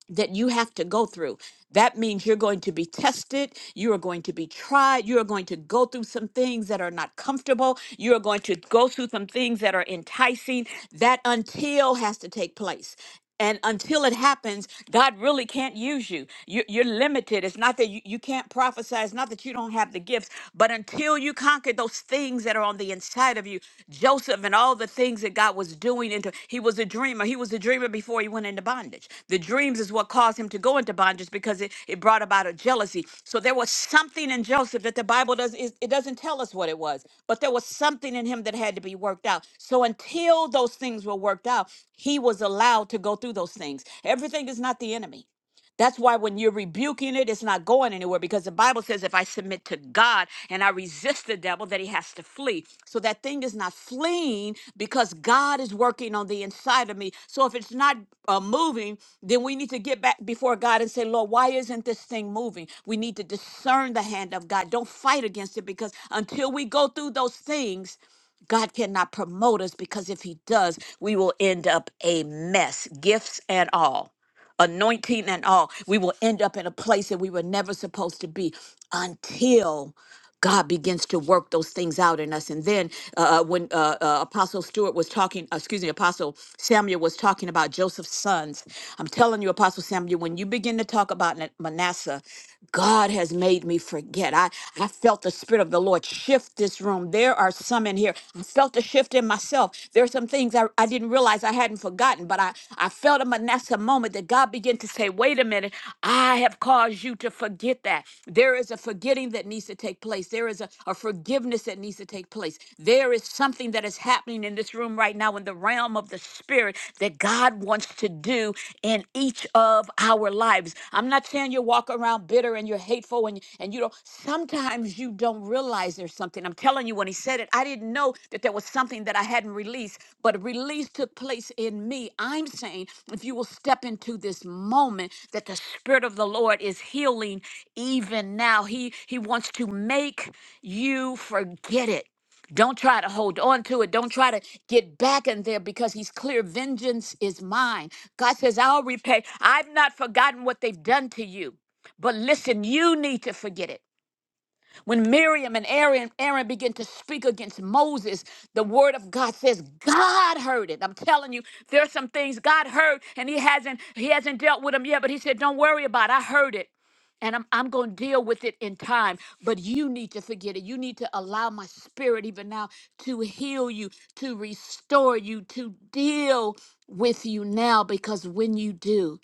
Speaker 4: that you have to go through. That means you're going to be tested. You are going to be tried. You are going to go through some things that are not comfortable. You are going to go through some things that are enticing. That until has to take place. And until it happens, God really can't use you. you you're limited. It's not that you, you can't prophesy. It's not that you don't have the gifts. But until you conquer those things that are on the inside of you, of you. Joseph and all the things that God was doing into he was a dreamer. He was a dreamer before he went into bondage. The dreams is what caused him to go into bondage because it, it brought about a jealousy. So there was something in Joseph that the Bible does it, it doesn't tell us what it was, but there was something in him that had to be worked out. So until those things were worked out, he was allowed to go through those things. Everything is not the enemy. That's why when you're rebuking it, it's not going anywhere because the Bible says if I submit to God and I resist the devil, that he has to flee. So that thing is not fleeing because God is working on the inside of me. So if it's not uh, moving, then we need to get back before God and say, Lord, why isn't this thing moving? We need to discern the hand of God. Don't fight against it because until we go through those things, God cannot promote us because if he does, we will end up a mess, gifts and all anointing and all, we will end up in a place that we were never supposed to be until God begins to work those things out in us. And then uh, uh, when uh, uh, Apostle Stewart was talking, uh, excuse me, Apostle Samuel was talking about Joseph's sons, I'm telling you, Apostle Samuel, when you begin to talk about Na- Manasseh, God has made me forget. I, I felt the Spirit of the Lord shift this room there are some in here. I felt a shift in myself. There are some things I, I didn't realize I hadn't forgotten, but I, I felt them. And that's a moment that God began to say, wait a minute, I have caused you to forget that. There is a forgetting that needs to take place. There is a, a forgiveness that needs to take place. There is something that is happening in this room right now in the realm of the spirit that God wants to do in each of of our lives. I'm not saying you walk around bitter and you're hateful and, and you don't. Sometimes you don't realize there's something. I'm telling you, when he said it, I didn't know that there was something that I hadn't released, but release took place in me. I'm saying if you will step into this moment that the Spirit of the Lord is healing even now, he, he wants to make you forget it. Don't try to hold on to it. Don't try to get back in there because he's clear. Vengeance is mine. God says, I'll repay. I've not forgotten what they've done to you. But listen, you need to forget it. When Miriam and Aaron, Aaron began to speak against Moses, the word of God says God heard it. I'm telling you, there are some things God heard and he hasn't he hasn't dealt with them yet, but he said, Don't worry about it. I heard it and I'm, I'm going to deal with it in time. But you need to forget it. You need to allow my spirit, even now, to heal you, to restore you, to deal with you now, because when you do,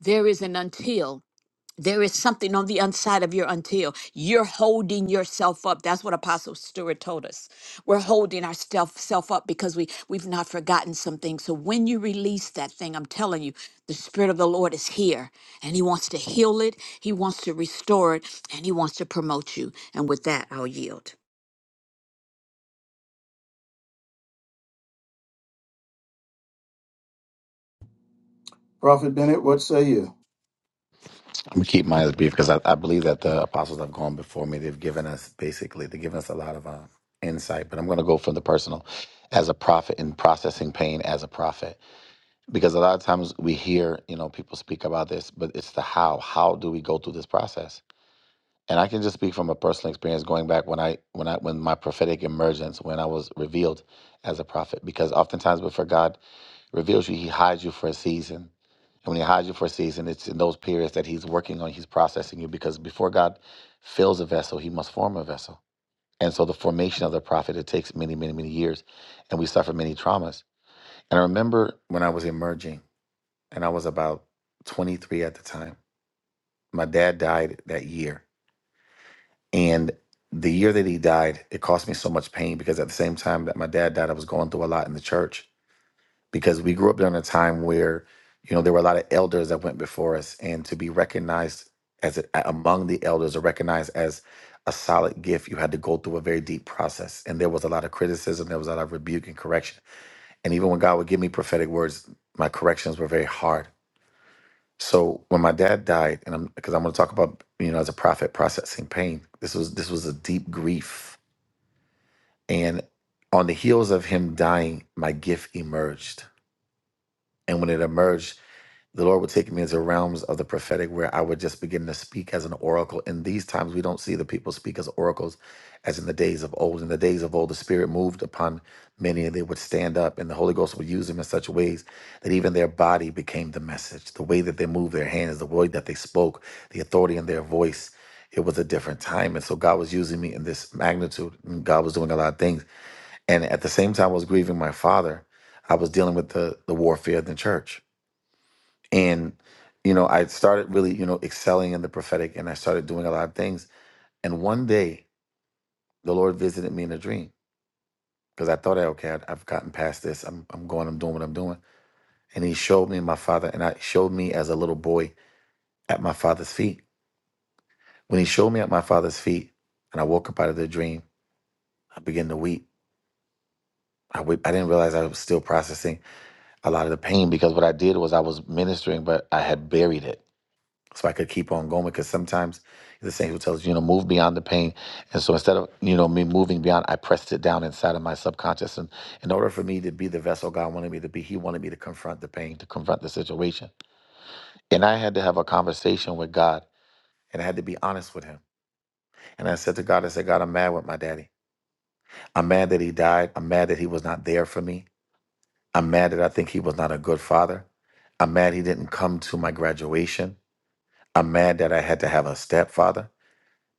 Speaker 4: there is an until there is something on the inside of your until you're holding yourself up that's what apostle stewart told us we're holding ourself self up because we we've not forgotten some things so when you release that thing i'm telling you the spirit of the lord is here and he wants to heal it he wants to restore it and he wants to promote you and with that i'll yield
Speaker 1: Prophet Bennett, what say you?
Speaker 9: I'm gonna keep mine as brief because I, I believe that the apostles have gone before me. They've given us basically they've given us a lot of uh, insight. But I'm gonna go from the personal, as a prophet in processing pain as a prophet, because a lot of times we hear you know people speak about this, but it's the how. How do we go through this process? And I can just speak from a personal experience going back when I when I when my prophetic emergence when I was revealed as a prophet, because oftentimes before God reveals you, he hides you for a season. And when he hides you for a season, it's in those periods that he's working on, he's processing you because before God fills a vessel, he must form a vessel. And so the formation of the prophet, it takes many, many, many years. And we suffer many traumas. And I remember when I was emerging, and I was about 23 at the time, my dad died that year. And the year that he died, it caused me so much pain because at the same time that my dad died, I was going through a lot in the church. because we grew up during a time where you know there were a lot of elders that went before us and to be recognized as a, among the elders or recognized as a solid gift you had to go through a very deep process and there was a lot of criticism there was a lot of rebuke and correction and even when god would give me prophetic words my corrections were very hard so when my dad died and i'm because i'm going to talk about you know as a prophet processing pain this was this was a deep grief and on the heels of him dying my gift emerged and when it emerged the Lord would take me into realms of the prophetic where I would just begin to speak as an oracle. In these times, we don't see the people speak as oracles as in the days of old. In the days of old, the Spirit moved upon many and they would stand up, and the Holy Ghost would use them in such ways that even their body became the message. The way that they moved their hands, the way that they spoke, the authority in their voice. It was a different time. And so God was using me in this magnitude. and God was doing a lot of things. And at the same time, I was grieving my father. I was dealing with the, the warfare in the church and you know i started really you know excelling in the prophetic and i started doing a lot of things and one day the lord visited me in a dream because i thought okay I, i've gotten past this I'm, I'm going i'm doing what i'm doing and he showed me my father and i showed me as a little boy at my father's feet when he showed me at my father's feet and i woke up out of the dream i began to weep I, weep. I didn't realize i was still processing a lot of the pain because what i did was i was ministering but i had buried it so I could keep on going because sometimes the Saint who tells you, you know, move beyond the pain. And so instead of, you know, me moving beyond, I pressed it down inside of my subconscious. And in order for me to be the vessel God wanted me to be, He wanted me to confront the pain, to confront the situation. And I had to have a conversation with God and I had to be honest with Him. And I said to God, I said, God, I'm mad with my daddy. I'm mad that he died. I'm mad that he was not there for me. I'm mad that I think he was not a good father. I'm mad he didn't come to my graduation. I'm mad that I had to have a stepfather.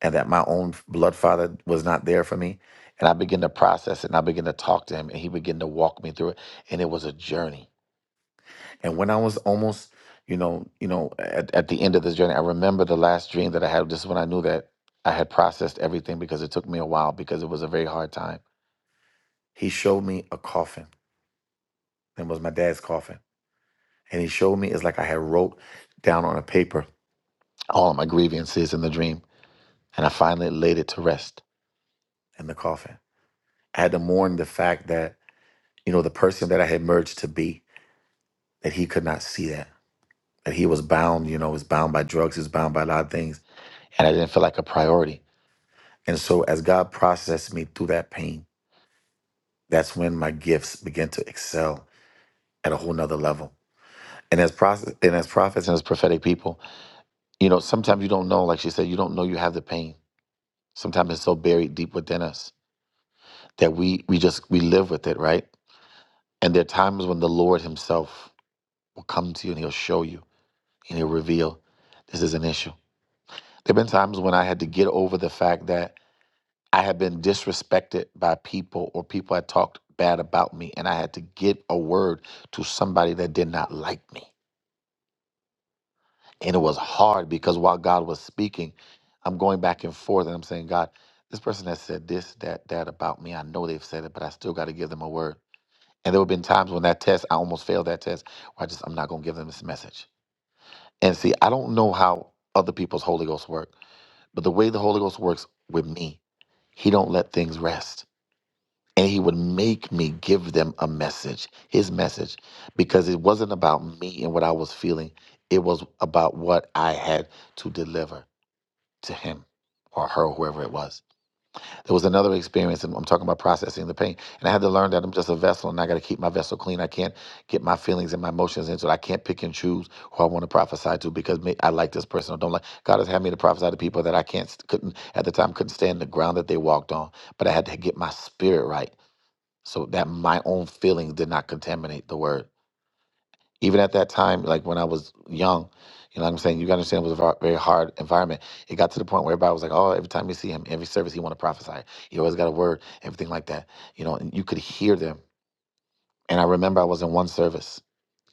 Speaker 9: and that my own blood father was not there for me. And I began to process it and I began to talk to him and he began to walk me through it. And it was a journey. And when I was almost, you know, you know, at, at the end of this journey, I remember the last dream that I had. This is when I knew that I had processed everything because it took me a while because it was a very hard time. He showed me a coffin. It was my dad's coffin. And he showed me it's like I had wrote down on a paper all of my grievances in the dream. And I finally laid it to rest in the coffin. I had to mourn the fact that you know, the person that I had merged to be, that he could not see that. That he was bound, you know, was bound by drugs, he was bound by a lot of things. And I didn't feel like a priority. And so as God processed me through that pain, that's when my gifts began to excel at a whole nother level. And as process and as prophets and as prophetic people, you know, sometimes you don't know, like she said, you don't know you have the pain. Sometimes it's so buried deep within us that we we just we live with it, right? And there are times when the Lord Himself will come to you and He'll show you and He'll reveal this is an issue There have been times when I had to get over the fact that I had been disrespected by people or people had talked bad about me, and I had to get a word to somebody that did not like me. And it was hard because while God was speaking, I'm going back and forth and I'm saying, God, this person has said this, that, that about me. I know they've said it, but I still got to give them a word. And there have been times when that test, I almost failed that test, where I just, I'm not going to give them this message. And see, I don't know how other people's Holy Ghost work, but the way the Holy Ghost works with me He don't let things rest. And he would make me give them a message, his message, because it wasn't about me and what I was feeling. It was about what I had to deliver to him or her, whoever it was. There was another experience, and I'm talking about processing the pain. And I had to learn that I'm just a vessel and I got to keep my vessel clean. I can't get my feelings and my emotions into it. I can't pick and choose who I want to prophesy to because may I like this person or don't like. God has had me to prophesy to people that I can't, couldn't, at the time, couldn't stand the ground that they walked on. But I had to get my spirit right so that my own feelings did not contaminate the word even at that time, like when I was young, you know what I'm saying? You gotta understand it was a ver- very hard environment. It got to the point where everybody was like, oh, every time you see him, every service he wanna prophesy. He always got a word, everything like that. You know, and you could hear them. And I remember I was in one service.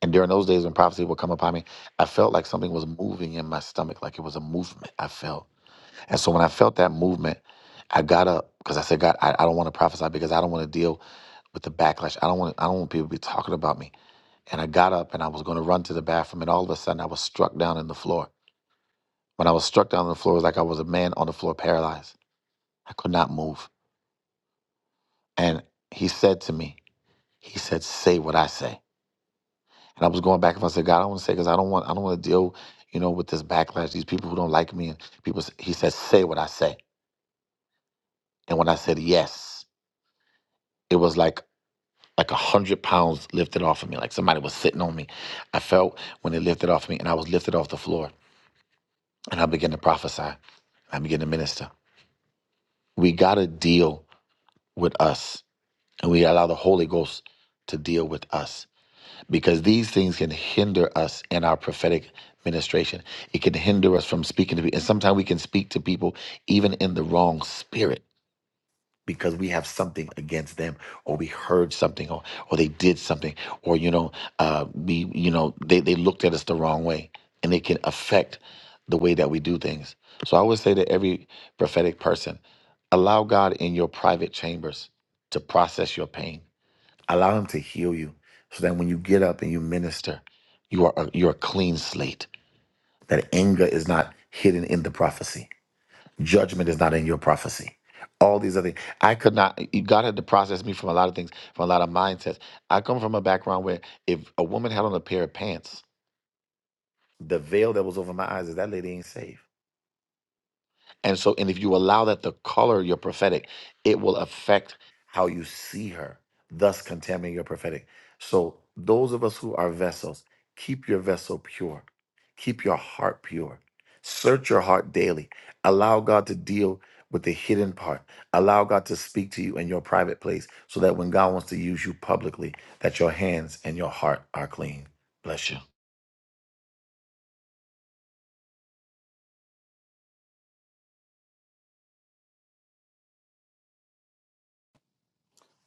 Speaker 9: And during those days when prophecy would come upon me, I felt like something was moving in my stomach, like it was a movement I felt. And so when I felt that movement, I got up because I said, God, I, I don't want to prophesy because I don't want to deal with the backlash. I don't want I don't want people to be talking about me. And I got up and I was going to run to the bathroom. And all of a sudden, I was struck down on the floor. When I was struck down on the floor, it was like I was a man on the floor, paralyzed. I could not move. And he said to me, he said, "Say what I say." And I was going back and I said, "God, I don't want to say because I don't want, I don't want to deal, you know, with this backlash. These people who don't like me and people." s- He said, "Say what I say." And when I said yes, it was like like a hundred pounds lifted off of me, like somebody was sitting on me. I felt when it lifted off me, and I was lifted off the floor. And I began to prophesy. I began to minister. We got to deal with us and we allow the Holy Ghost to deal with us because these things can hinder us in our prophetic ministration. It can hinder us from speaking to people. And sometimes we can speak to people even in the wrong spirit because we have something against them or we heard something or, or they did something or you know uh, we you know they, they looked at us the wrong way and it can affect the way that we do things so i would say to every prophetic person allow god in your private chambers to process your pain allow him to heal you so that when you get up and you minister you are a, you're a clean slate that anger is not hidden in the prophecy Judgment is not in your prophecy. All these other I could not God had to process me from a lot of things, from a lot of mindsets. I come from a background where if a woman had on a pair of pants, the veil that was over my eyes is that lady ain't saved. And so, and if you allow that to color your prophetic, it will affect how you see her, thus contaminating your prophetic. So, those of us who are vessels, keep your vessel pure, keep your heart pure, search your heart daily, allow God to deal with the hidden part allow god to speak to you in your private place so that when god wants to use you publicly that your hands and your heart are clean bless you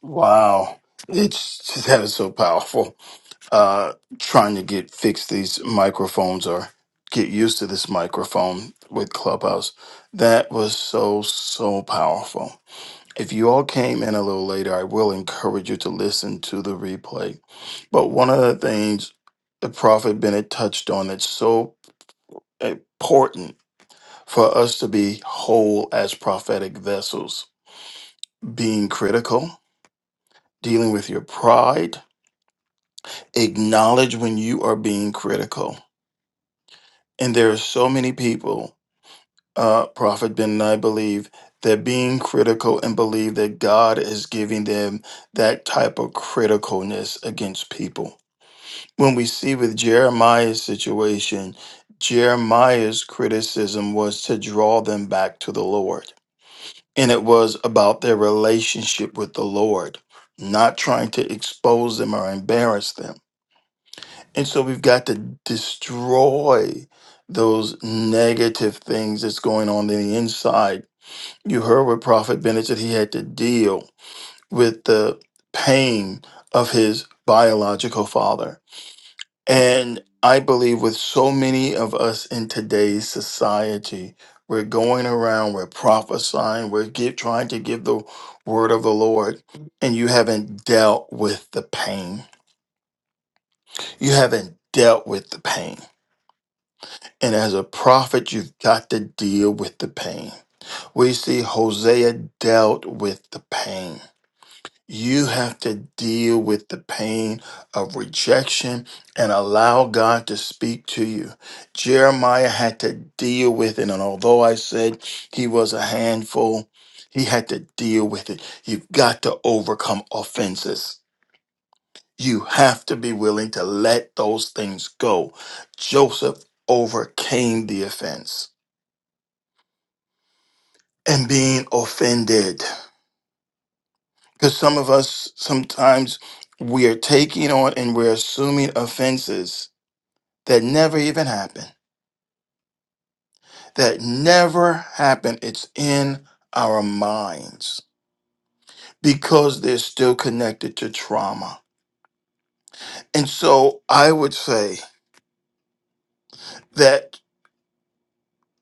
Speaker 1: Wow. It's that is so powerful. Uh trying to get fix these microphones or get used to this microphone with Clubhouse. That was so so powerful. If you all came in a little later, I will encourage you to listen to the replay. But one of the things the prophet Bennett touched on that's so important for us to be whole as prophetic vessels, being critical, dealing with your pride, acknowledge when you are being critical. And there are so many people, uh, Prophet Ben and I believe, that being critical and believe that God is giving them that type of criticalness against people. When we see with Jeremiah's situation, Jeremiah's criticism was to draw them back to the Lord. And it was about their relationship with the Lord, not trying to expose them or embarrass them And so we've got to destroy those negative things that's going on in the inside. You heard with Prophet Bennett that he had to deal with the pain of his biological father. And I believe with so many of us in today's society, we're going around, we're prophesying, we're give, trying to give the word of the Lord, and you haven't dealt with the pain. You haven't dealt with the pain And as a prophet, you've got to deal with the pain. We see Hosea dealt with the pain. You have to deal with the pain of rejection and allow God to speak to you. Jeremiah had to deal with it. And although I said he was a handful, he had to deal with it. You've got to overcome offenses. You have to be willing to let those things go. Joseph overcame the offense. and being offended. Because some of us sometimes we are taking on and we're assuming offenses that never even happen. that never happened. It's in our minds because they're still connected to trauma. And so I would say that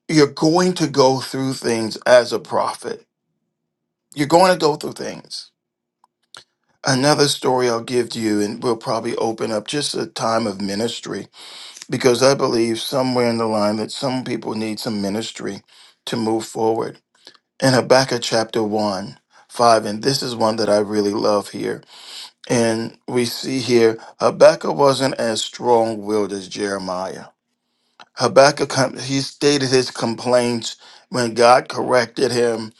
Speaker 1: you're going to go through things as a prophet. You're going to go through things. Another story I'll give to you, and we'll probably open up just a time of ministry because I believe somewhere in the line that some people need some ministry to move forward. In Habakkuk chapter 1, 5, and this is one that I really love here. And we see here Habakkuk wasn't as strong willed as Jeremiah. Habakkuk, com- he stated his complaints when God corrected him.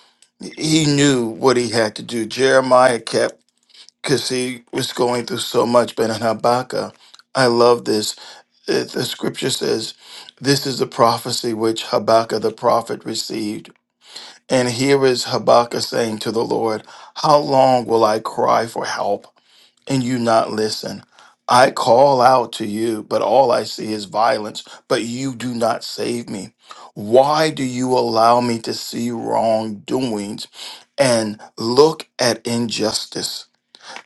Speaker 1: He knew what he had to do. Jeremiah kept, because he was going through so much, but in Habakkuk, I love this. It- the scripture says, This is the prophecy which Habakkuk the prophet received. And here is Habakkuk saying to the Lord, How long will I cry for help and you not listen? I call out to you, but all I see is violence, but you do not save me. Why do you allow me to see wrongdoings and look at injustice?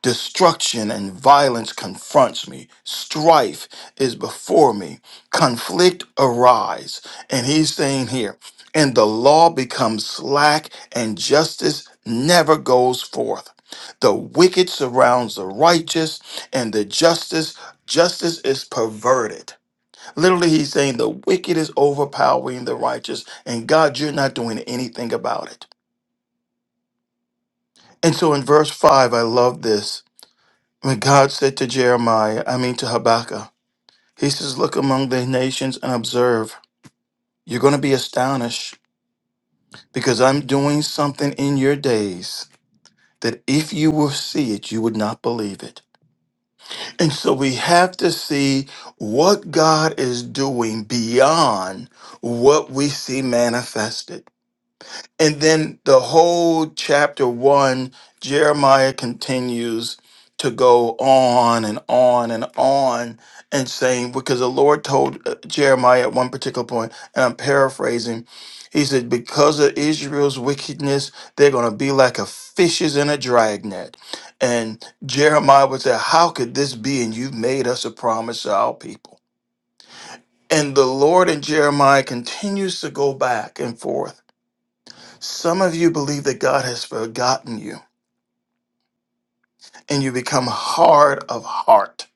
Speaker 1: Destruction and violence confronts me. Strife is before me. Conflict arise. And he's saying here, and the law becomes slack and justice never goes forth. The wicked surrounds the righteous and the justice justice is perverted. Literally he's saying the wicked is overpowering the righteous and God you're not doing anything about it. And so in verse 5 I love this When God said to Jeremiah, I mean to Habakkuk, He says, Look among the nations and observe. You're going to be astonished because I'm doing something in your days that if you will see it, you would not believe it. And so we have to see what God is doing beyond what we see manifested. And then the whole chapter one, Jeremiah continues to go on and on and on and saying, because the Lord told uh, Jeremiah at one particular point, and I'm paraphrasing, he said, because of Israel's wickedness, they're going to be like a fishes in a dragnet. And Jeremiah would say, How could this be? And you've made us a promise to our people. And the Lord and Jeremiah continues to go back and forth. Some of you believe that God has forgotten you and you become hard of heart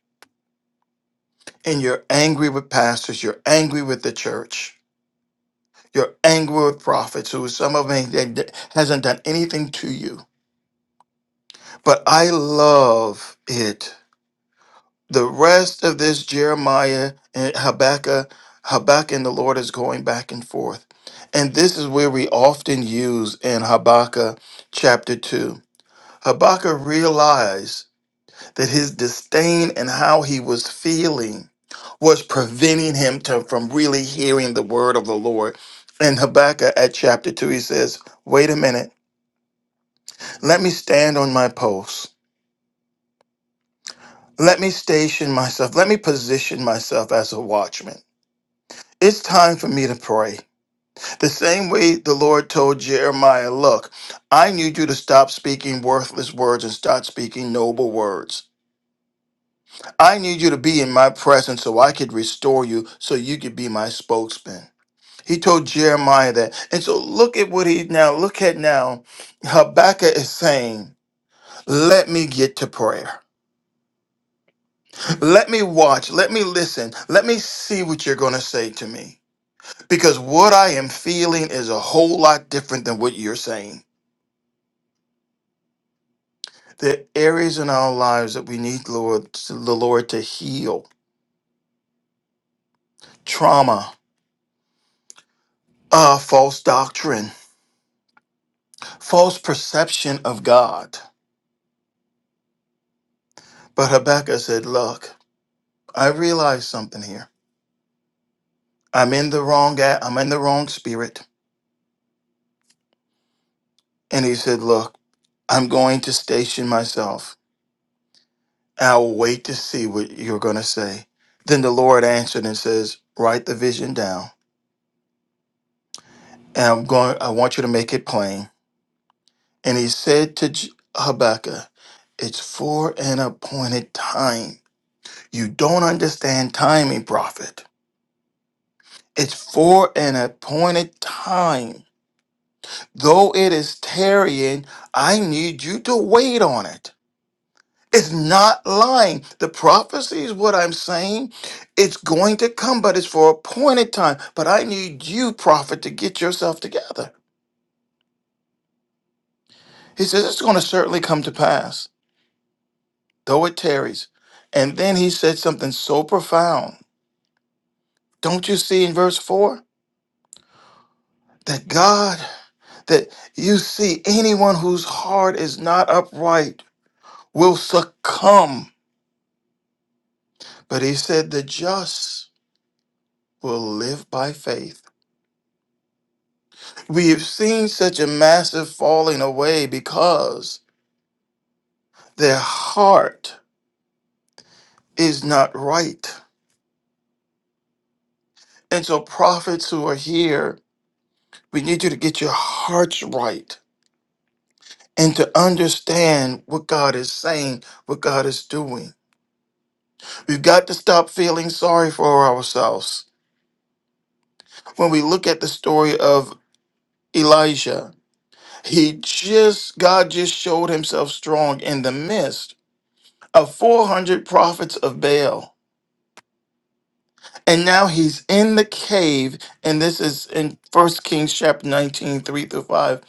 Speaker 1: and you're angry with pastors, you're angry with the church, you're angry with prophets who some of them ain't- they- hasn't done anything to you. But I love it. The rest of this Jeremiah and Habakkuk, Habakkuk and the Lord is going back and forth. And this is where we often use in Habakkuk chapter 2. Habakkuk realized. that his disdain and how he was feeling was preventing him to, from really hearing the word of the Lord. In Habakkuk at chapter 2, he says, Wait a minute, let me stand on my post. Let me station myself. Let me position myself as a watchman. It's time for me to pray. The same way the Lord told Jeremiah, Look, I need you to stop speaking worthless words and start speaking noble words. I need you to be in my presence so I could restore you, so you could be my spokesman. He told Jeremiah that. And so look at what he now, look at now. Habakkuk is saying, Let me get to prayer. Let me watch. Let me listen. Let me see what you're going to say to me. Because what I am feeling is a whole lot different than what you're saying. There are areas in our lives that we need Lord, the Lord to heal trauma, uh, false doctrine false perception of God. But Habakkuk said, Look, I realize something here. I'm in the wrong at I'm in the wrong spirit. And he said, Look, I'm going to station myself. I'll wait to see what you're gonna say. Then the Lord answered and says, Write the vision down, and I'm going I want you to make it plain. And he said to J- Habakkuk, It's for an appointed time. You don't understand timing, prophet. It's for an appointed time. Though it is tarrying, I need you to wait on it. It's not lying. The prophecy is what I'm saying. It's going to come, but it's for appointed time. But I need you, prophet, to get yourself together. He says, It's going to certainly come to pass, though it tarries. And then he said something so profound. Don't you see in verse 4 that God, that you see anyone whose heart is not upright? will succumb. But he said the just will live by faith. We have seen such a massive falling away because their heart is not right. And so, prophets who are here, we need you to get your hearts right and to understand what God is saying, what God is doing. We've got to stop feeling sorry for ourselves. When we look at the story of Elijah, He just, God just showed himself strong in the midst of 400 prophets of Baal. And now he's in the cave, and this is in 1 Kings chapter 19, 3 through 5.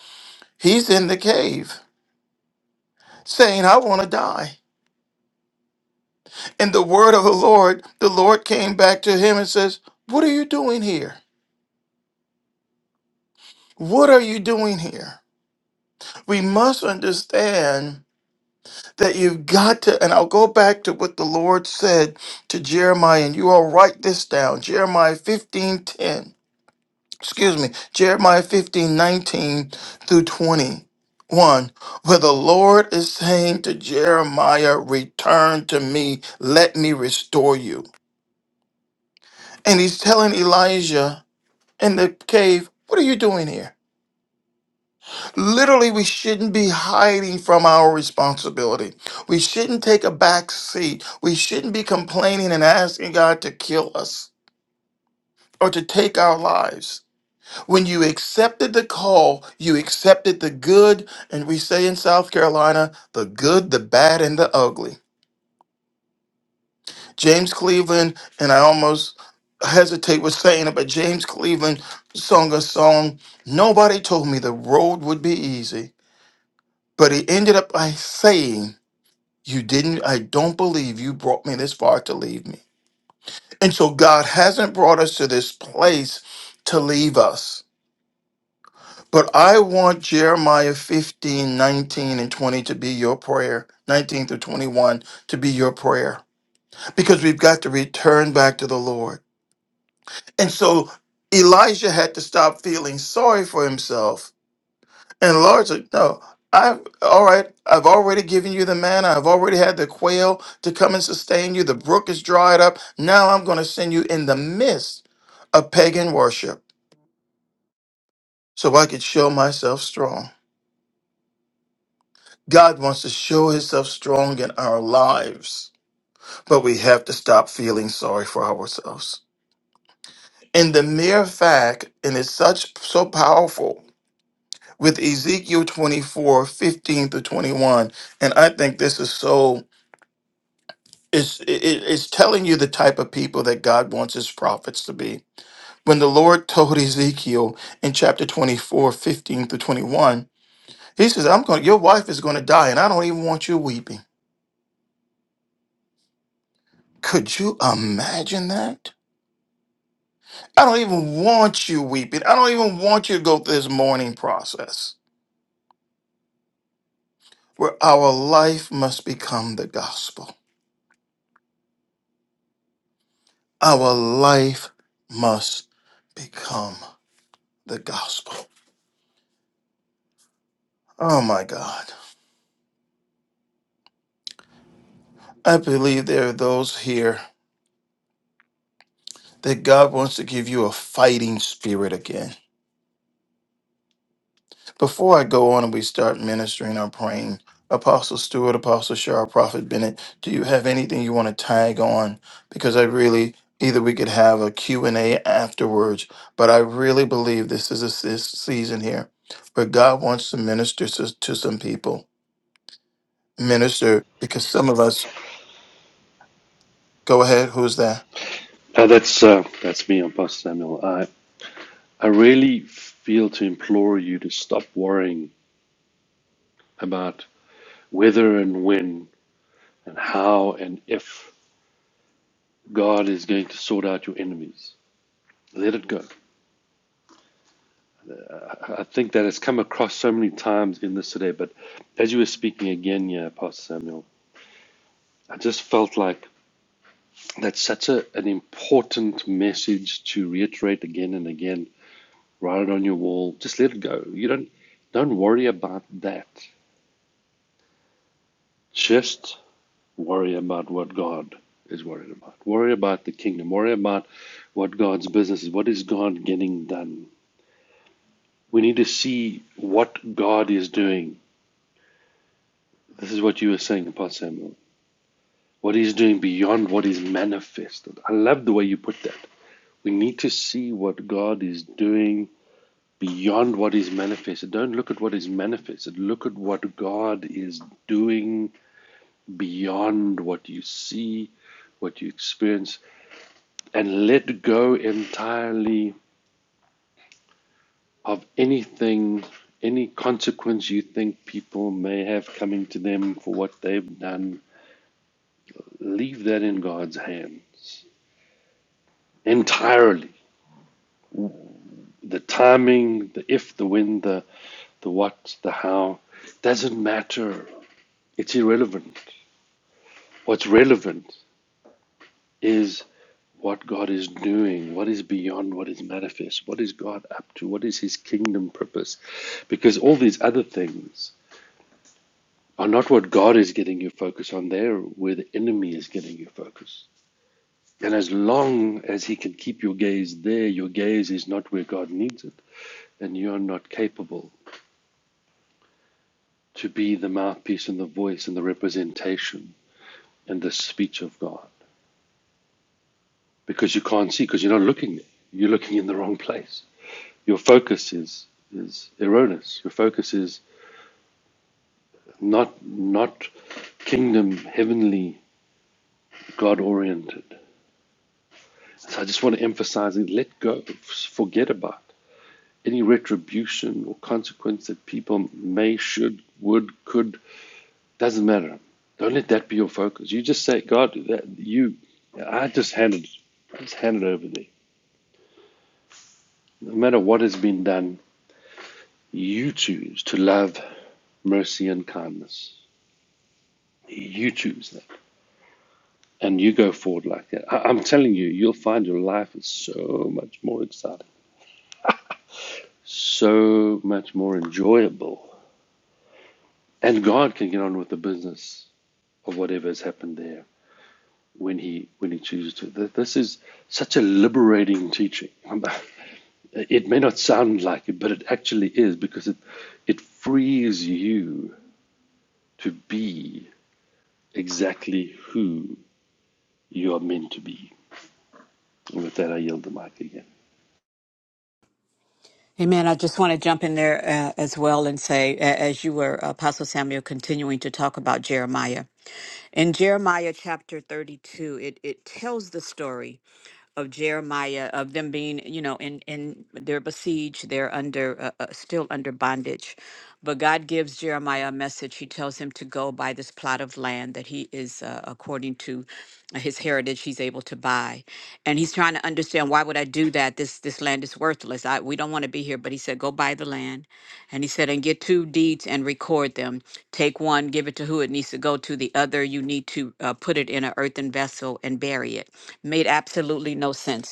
Speaker 1: He's in the cave saying, I want to die. And the word of the Lord, the Lord came back to him and says, What are you doing here? What are you doing here? We must understand that you've got to, and I'll go back to what the Lord said to Jeremiah, and you all write this down. Jeremiah fifteen ten. excuse me, Jeremiah 15 19 through 21, where the Lord is saying to Jeremiah, return to me, let me restore you. And he's telling Elijah in the cave, what are you doing here? Literally, we shouldn't be hiding from our responsibility. We shouldn't take a back seat. We shouldn't be complaining and asking God to kill us or to take our lives. When you accepted the call, you accepted the good, and we say in South Carolina, the good, the bad, and the ugly. James Cleveland, and I almost hesitate with saying it, but James Cleveland sung a song, Nobody Told Me the Road Would Be Easy, but he ended up by saying, You didn't, I don't believe you brought me this far to leave me. And so God hasn't brought us to this place to leave us. But I want Jeremiah 15 19 and 20 to be your prayer, 19 through 21 to be your prayer, because we've got to return back to the Lord. And so Elijah had to stop feeling sorry for himself And largely, no. I've all right. I've already given you the manna. I've already had the quail to come and sustain you. The brook is dried up. Now I'm going to send you in the midst of pagan worship, so I could show myself strong. God wants to show Himself strong in our lives, but we have to stop feeling sorry for ourselves. And the mere fact, and it's such so powerful with Ezekiel 24, 15 to 21, and I think this is so. It's, it, it- it's telling you the type of people that God wants his prophets to be. When the Lord told Ezekiel in chapter twenty-four, fifteen 15 through 21, he says, I'm going, your wife is going to die and I don't even want you weeping. Could you imagine that? I don't even want you weeping. I don't even want you to go through this mourning process where our life must become the gospel. Our life must become the gospel. Oh my God. I believe there are those here that God wants to give you a fighting spirit again. Before I go on and we start ministering or praying, Apostle Stewart, Apostle Shaw, Prophet Bennett, do you have anything you want to tag on? Because I really either we could have a Q and a afterwards, but I really believe this is a this season here where God wants to minister to, to some people. Minister because some of us go ahead, who's there?
Speaker 5: Uh, that's uh, that's me, I'm Pastor Samuel. I I really feel to implore you to stop worrying about whether and when and how and if God is going to sort out your enemies. Let it go. I think that has come across so many times in this today, but as you were speaking again, yeah, Pastor Samuel, I just felt like that's such a, an important message to reiterate again and again. Write it on your wall. Just let it go. You don't don't worry about that. Just worry about what God is worried about. Worry about the kingdom. Worry about what God's business is. What is God getting done? We need to see what God is doing This is what you were saying about Samuel. What he's doing beyond what is manifested. I love the way you put that. We need to see what God is doing beyond what is manifested. Don't look at what is manifested. Look at what God is doing beyond what you see, what you experience, and let go entirely of anything, any consequence you think people may have coming to them for what they've done. Leave that in God's hands. entirely. The timing, the if, the when, the the what, the how, doesn't matter. It's irrelevant. What's relevant is what God is doing, what is beyond what is manifest, what is God up to, what is His kingdom purpose. Because all these other things are not what God is getting you focus on, they're where the enemy is getting you focus. And as long as he can keep your gaze there, your gaze is not where God needs it, and you are not capable to be the mouthpiece and the voice and the representation and the speech of God because you can't see because you're not looking. there. You're looking in the wrong place. Your focus is is erroneous. Your focus is not not kingdom heavenly God oriented. So I just want to emphasize it. Let go. Forget about any retribution or consequence that people may, should, would, could Doesn't matter. Don't let that be your focus. You just say, God, that you, I just hand it, I just hand it over there. No matter what has been done, you choose to love, mercy, and kindness. You choose that, and you go forward like that. I, I'm telling you, you'll find your life is so much more exciting, so much more enjoyable, and God can get on with the business of whatever has happened there when He when He chooses to. This is such a liberating teaching. It may not sound like it, but it actually is because it, it frees you to be exactly who you are meant to be. And with that, I yield the mic again.
Speaker 4: Amen. I just want to jump in there uh, as well and say, a- as you were, Apostle Samuel, continuing to talk about Jeremiah. In Jeremiah chapter 32, it, it tells the story of Jeremiah, of them being, you know, in, in they're besieged, they're under, uh, uh, still under bondage. But God gives Jeremiah a message. He tells him to go buy this plot of land that he is, uh, according to his heritage, he's able to buy. And he's trying to trying to understand why would I do that? This this land is worthless. I we don't want to be here. But he said, go buy the land, and he said, and get two deeds and record them. Take one, give it to who it needs to go to. The other, you need to uh, put it in an earthen vessel and bury it. Made absolutely no sense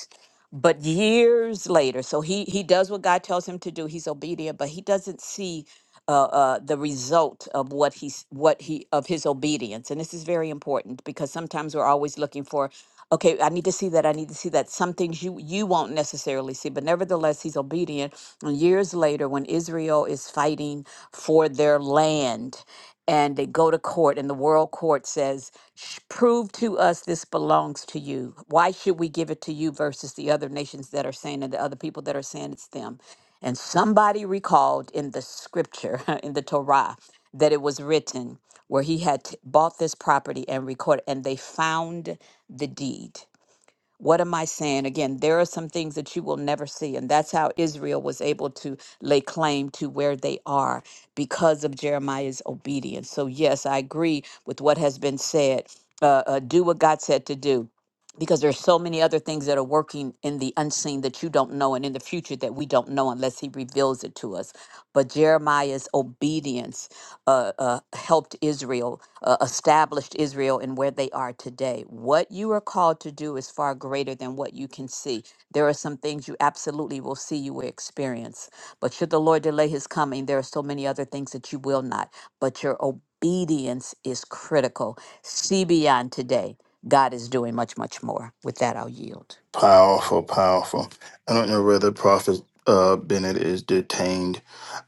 Speaker 4: but years later so he he does what god tells him to do he's obedient but he doesn't see uh, uh, the result of what he's what he of his obedience and this is very important because sometimes we're always looking for okay i need to see that i need to see that some things you you won't necessarily see mercy, but nevertheless, he's obedient. And years later, when Israel is fighting for their land, and they go to court, and the world court says, "Sh- Prove to us this belongs to you. Why should we give it to you versus the other nations that are saying and the other people that are saying it's them? And somebody recalled in the scripture, in the Torah, that it was written where he had t- bought this property and recorded, and they found the deed. What am I saying? Again, there are some things that you will never see. And that's how Israel was able to lay claim to where they are because of Jeremiah's obedience. So, yes, I agree with what has been said. Uh, uh, do what God said to do because there's so many other things that are working in the unseen that you don't know and in the future that we don't know unless he reveals it to us but jeremiah's obedience uh, uh, helped israel uh, established Israel and where they are today. What you are called to do is far greater than what you can see. There are some things you absolutely will see, you will experience. But should the Lord delay his coming, there are so many other things that you will not. But your obedience is critical. See beyond today. God is doing much, much more. With that, I'll yield.
Speaker 1: Powerful, powerful. I don't know whether Prophet uh, Bennett is detained.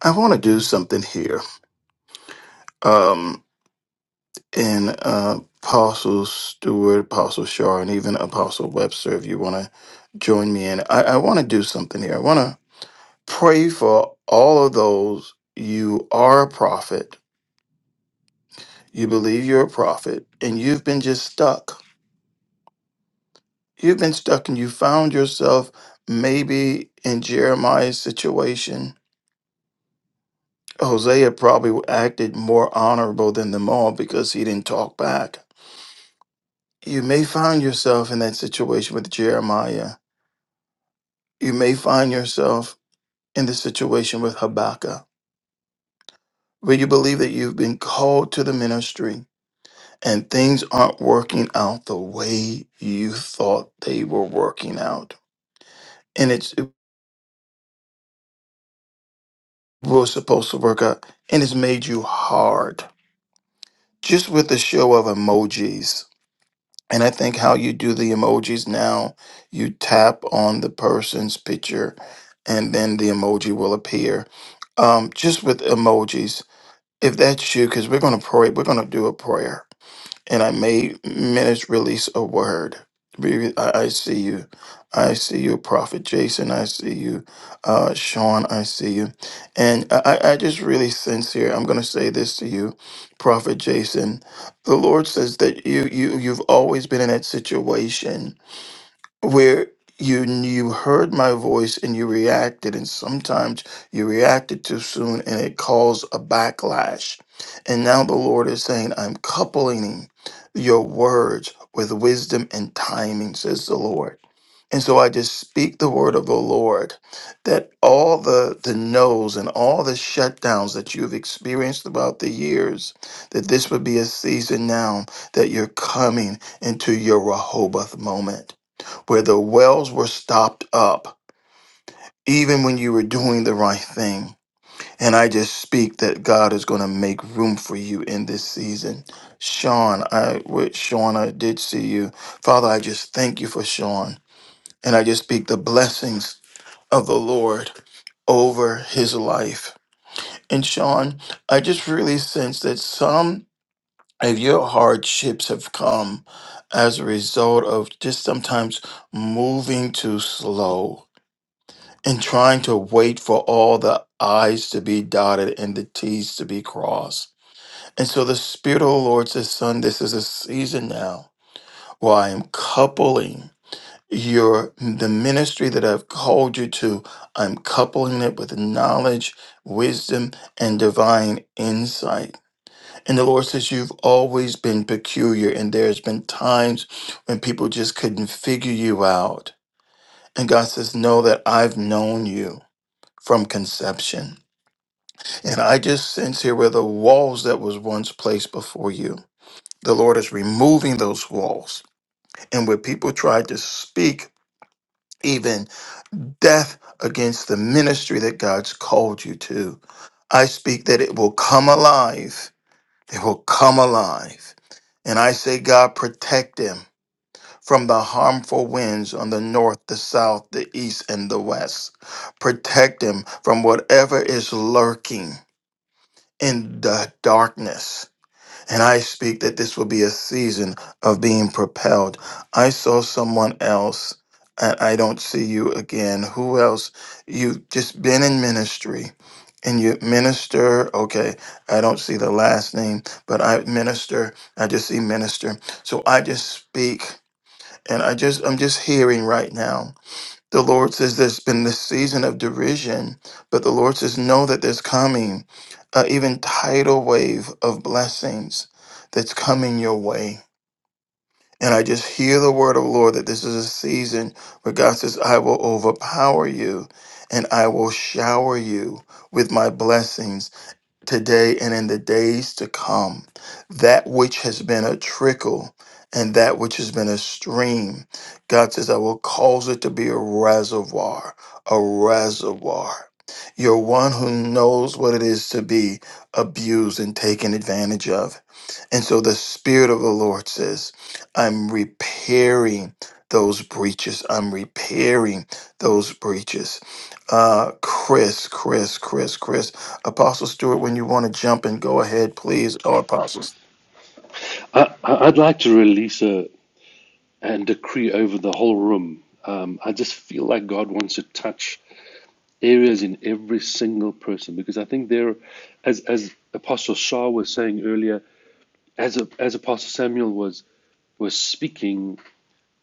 Speaker 1: I want to do something here. Um, and uh, Apostle Stewart, Apostle Shaw, and even Apostle Webster, if you want to join me in, I, I want to do something here. I want to pray for all of those. You are a prophet, you believe you're a prophet, and you've been just stuck. You've been stuck, and you found yourself maybe in Jeremiah's situation Hosea probably acted more honorable than them all because he didn't talk back. You may find yourself in that situation with Jeremiah. You may find yourself in the situation with Habakkuk, where you believe that you've been called to the ministry and things aren't working out the way you thought they were working out. And it's, it was supposed to work out, and it's made you hard just with the show of emojis And I think how you do the emojis now, you tap on the person's picture and then the emoji will appear. Um, just with emojis, if that's you, because we're going to pray, we're going to do a prayer and I made minutes release a word. Baby, I, I see you. I see you, Prophet Jason. I see you, uh, Sean. I see you. And I, I I just really sense here, I'm going to say this to you, Prophet Jason. The Lord says that you, you, you've always been in that situation where you you heard my voice and you reacted and sometimes you reacted too soon and it caused a backlash and now the lord is saying i'm coupling your words with wisdom and timing says the lord and so i just speak the word of the lord that all the the no's and all the shutdowns that you've experienced throughout the years that this would be a season now that you're coming into your rehoboth moment where the wells were stopped up, even when you were doing the right thing. And I just speak that God is going to make room for you in this season. Sean, I with Sean, I did see you. Father, I just thank you for Sean. And I just speak the blessings of the Lord over his life. And Sean, I just really sense that some of your hardships have come as a result of just sometimes moving too slow and trying to wait for all the I's to be dotted and the T's to be crossed. And so the Spirit of the Lord says, Son, this is a season now where I am coupling your the ministry that I've called you to, I'm coupling it with knowledge, wisdom, and divine insight. And the Lord says, You've always been peculiar, and there's been times when people just couldn't figure you out. And God says, Know that I've known you from conception. And I just sense here where the walls that was once placed before you, the Lord is removing those walls. And where people tried to speak even death against the ministry that God's called you to, I speak that it will come alive. It will come alive. And I say, God, protect them from the harmful winds on the north, the south, the east, and the west. Protect them from whatever is lurking in the darkness And I speak that this will be a season of being propelled. I saw someone else, and I don't see you again. Who else? You've just been in ministry. And you minister, okay. I don't see the last name, but I minister. I just see minister. So I just speak, and I just I'm just hearing right now the Lord says there's been this season of derision, but the Lord says, know that there's coming uh, even tidal wave of blessings that's coming your way. And I just hear the word of the Lord that this is a season where God says, I will overpower you and I will shower you with my blessings today and in the days to come. That which has been a trickle and that which has been a stream, God says, I will cause it to be a reservoir, a reservoir. You're one who knows what it is to be abused and taken advantage of. And so the Spirit of the Lord says, I'm repairing those breaches. I'm repairing those breaches. Uh, Chris, Chris, Chris, Chris. Apostle Stewart, when you want to jump in, go ahead, please. Or apostles.
Speaker 5: I, I- would like to release a and decree over the whole room. Um, I just feel like God wants to touch areas in every single person because I think there, as as Apostle Shah was saying earlier, as a, as Apostle Samuel was was speaking,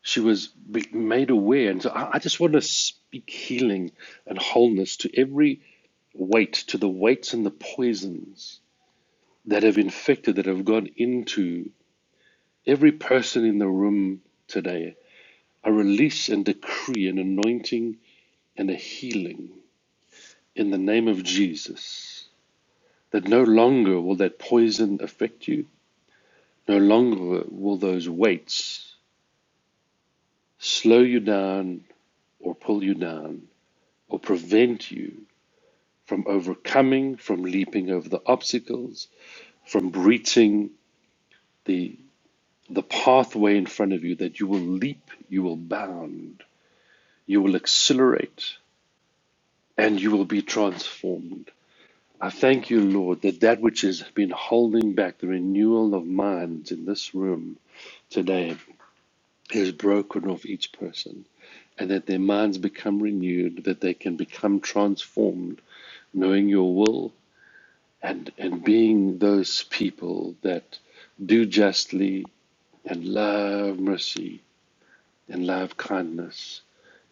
Speaker 5: she was made aware. And so I, I just want to speak healing and wholeness to every weight, to the weights and the poisons that have infected, that have gone into every person in the room today. I release and decree an anointing and a healing in the name of Jesus that no longer will that poison affect you, no longer will those weights slow you down or pull you down or prevent you from overcoming, from leaping over the obstacles, from reaching the the pathway in front of you that you will leap, you will bound, you will accelerate, and you will be transformed. I thank you, Lord, that that which has been holding back the renewal of minds in this room today is broken off each person, and that their minds become renewed, that they can become transformed, knowing your will, and and being those people that do justly and love mercy and love kindness,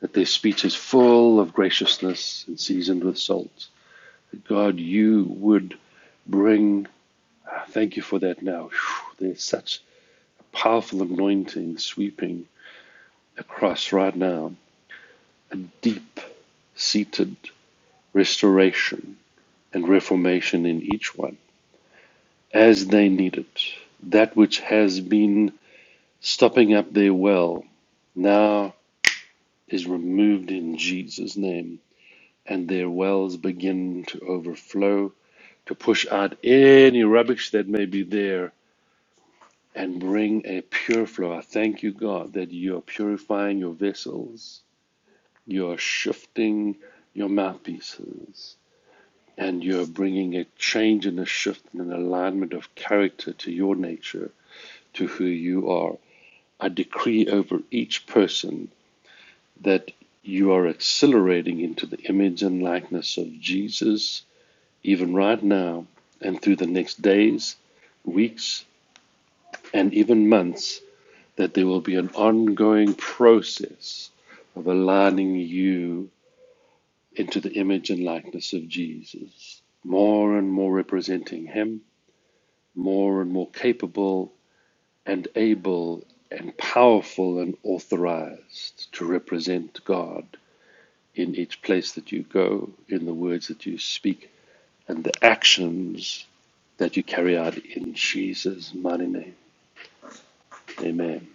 Speaker 5: that their speech is full of graciousness and seasoned with salt. That God, you would bring. ah, Thank you for that. Now Phew, there's such powerful anointing sweeping across right now, a deep seated restoration and reformation in each one as they need it. That which has been stopping up their well now is removed in Jesus' name, and their wells begin to overflow, to push out any rubbish that may be there and bring a pure flow. I thank you, God, that you are purifying your vessels, you are shifting your mouthpieces, and you are bringing a change and a shift and an alignment of character to your nature, to who you are. I decree over each person that you are accelerating into the image and likeness of Jesus, even right now, and through the next days, weeks, and even months, that there will be an ongoing process of aligning you into the image and likeness of Jesus, more and more representing Him, more and more capable and able and powerful and authorized to represent God in each place that you go, in the words that you speak, and the actions that you carry out in Jesus' mighty name. Amen.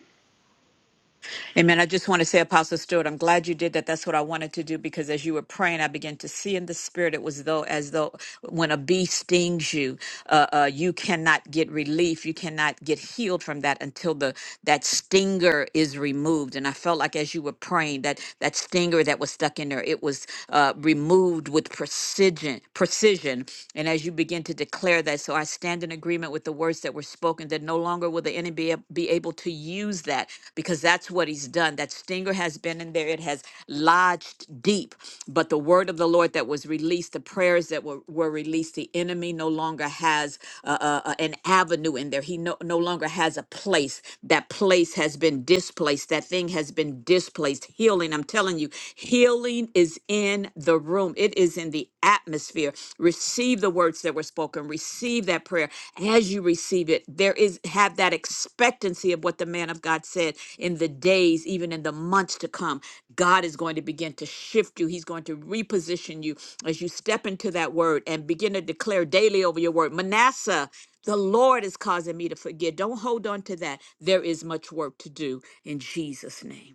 Speaker 4: Amen. I just want to say, Apostle Stewart, I'm glad you did that. That's what I wanted to do because as you were praying, I began to see in the spirit it was though as though when a bee stings you, uh, uh, you cannot get relief, you cannot get healed from that until the that stinger is removed. And I felt like as you were praying that that stinger that was stuck in there, it was uh, removed with precision, precision, and as you begin to declare that, so I stand in agreement with the words that were spoken, that no longer will the enemy be ab- be able to use that because that's what he's done. That stinger has been in there, it has lodged deep. But the word of the Lord that was released, the prayers that were, were released, the enemy no longer has uh, uh, uh, an avenue in there. He no, no longer has a place. That place has been displaced. That thing has been displaced this place. Healing, I'm telling you, healing is in the room, it is in the atmosphere. Receive the words that were spoken, receive that prayer. As you receive it, there is have that expectancy of what the man of God said in the days, even in the months to come. God is going to begin to shift you, He's going to reposition you as you step into that word and begin to declare daily over your word. Manasseh, the Lord is causing me to forget. Don't hold on to that. There is much work to do in Jesus' name.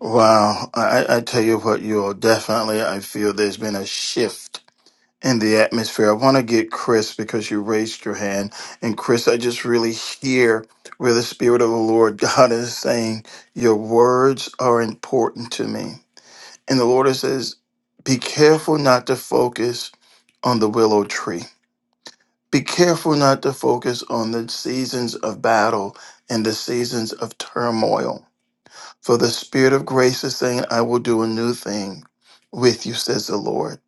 Speaker 1: Wow, I, I I tell you what, you are definitely. I feel there's been a shift in the atmosphere. I want to get Chris because you raised your hand, and Chris, I just really hear where the Spirit of the Lord God is saying, "Your words are important to me," and the Lord says, "Be careful not to focus on the willow tree." Be careful not to focus on the seasons of battle and the seasons of turmoil. For the Spirit of grace is saying, I will do a new thing with you, says the Lord.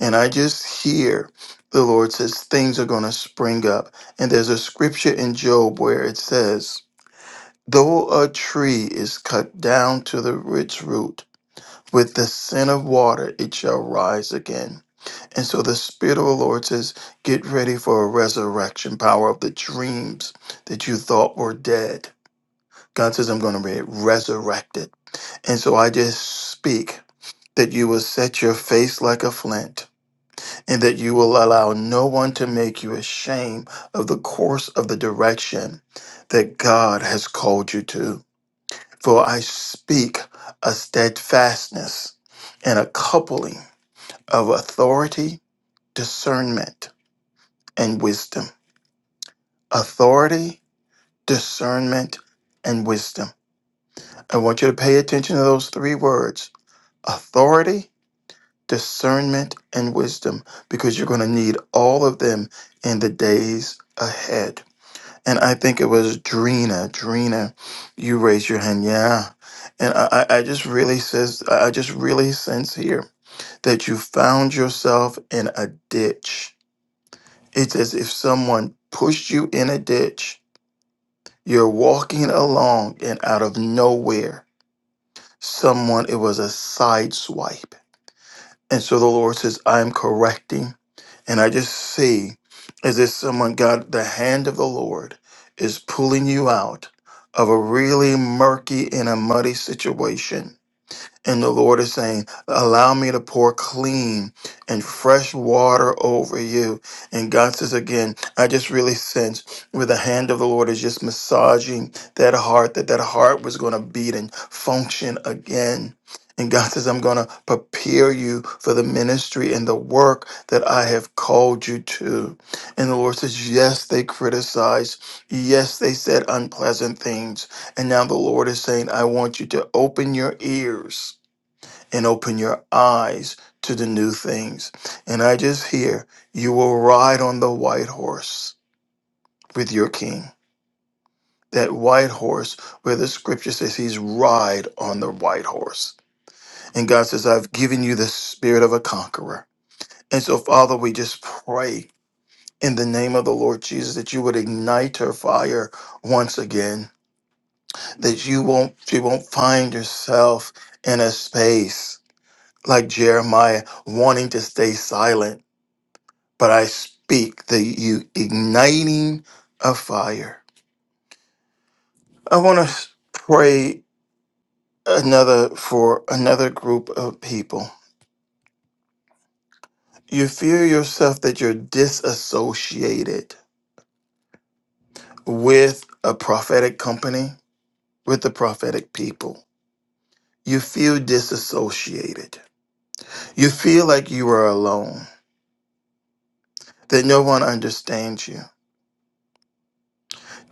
Speaker 1: And I just hear the Lord says, things are going to spring up. And there's a scripture in Job where it says, Though a tree is cut down to the rich root, with the sin of water it shall rise again. And so the Spirit of the Lord says, get ready for a resurrection power of the dreams that you thought were dead. God says, I'm going to be resurrected. And so I just speak that you will set your face like a flint and that you will allow no one to make you ashamed of the course of the direction that God has called you to. For I speak a steadfastness and a coupling of authority, discernment, and wisdom. authority, discernment, and wisdom. I want you to pay attention to those three words authority, discernment, and wisdom, because you're going to need all of them in the days ahead. And I think it was Drina. Drina, you raised your hand. Yeah. And I, I I just really says I I just really sense here that you found yourself in a ditch. It's as if someone pushed you in a ditch You're walking along, and out of nowhere, someone, it was a side swipe. And so the Lord says, I'm correcting. And I just see as if someone got the hand of the Lord is pulling you out of a really murky and a muddy situation and the Lord is saying, Allow me to pour clean and fresh water over you. And God says again, I just really sense where the hand of the Lord is just massaging that heart, that that heart was going to beat and function again. And God says, I'm going to prepare you for the ministry and the work that I have called you to. And the Lord says, Yes, they criticized. Yes, they said unpleasant things. And now the Lord is saying, I want you to open your ears and open your eyes to the new things. And I just hear you will ride on the white horse with your king. That white horse where the scripture says he's ride on the white horse. And God says, I've given you the spirit of a conqueror. And so, Father, we just pray in the name of the Lord Jesus that you would ignite her fire once again, that you won't she won't find herself in a space like Jeremiah wanting to stay silent but I speak the you igniting a fire. I want to pray another for another group of people. You fear yourself that you're disassociated with a prophetic company, with the prophetic people. You feel disassociated. You feel like you are alone, that no one understands you.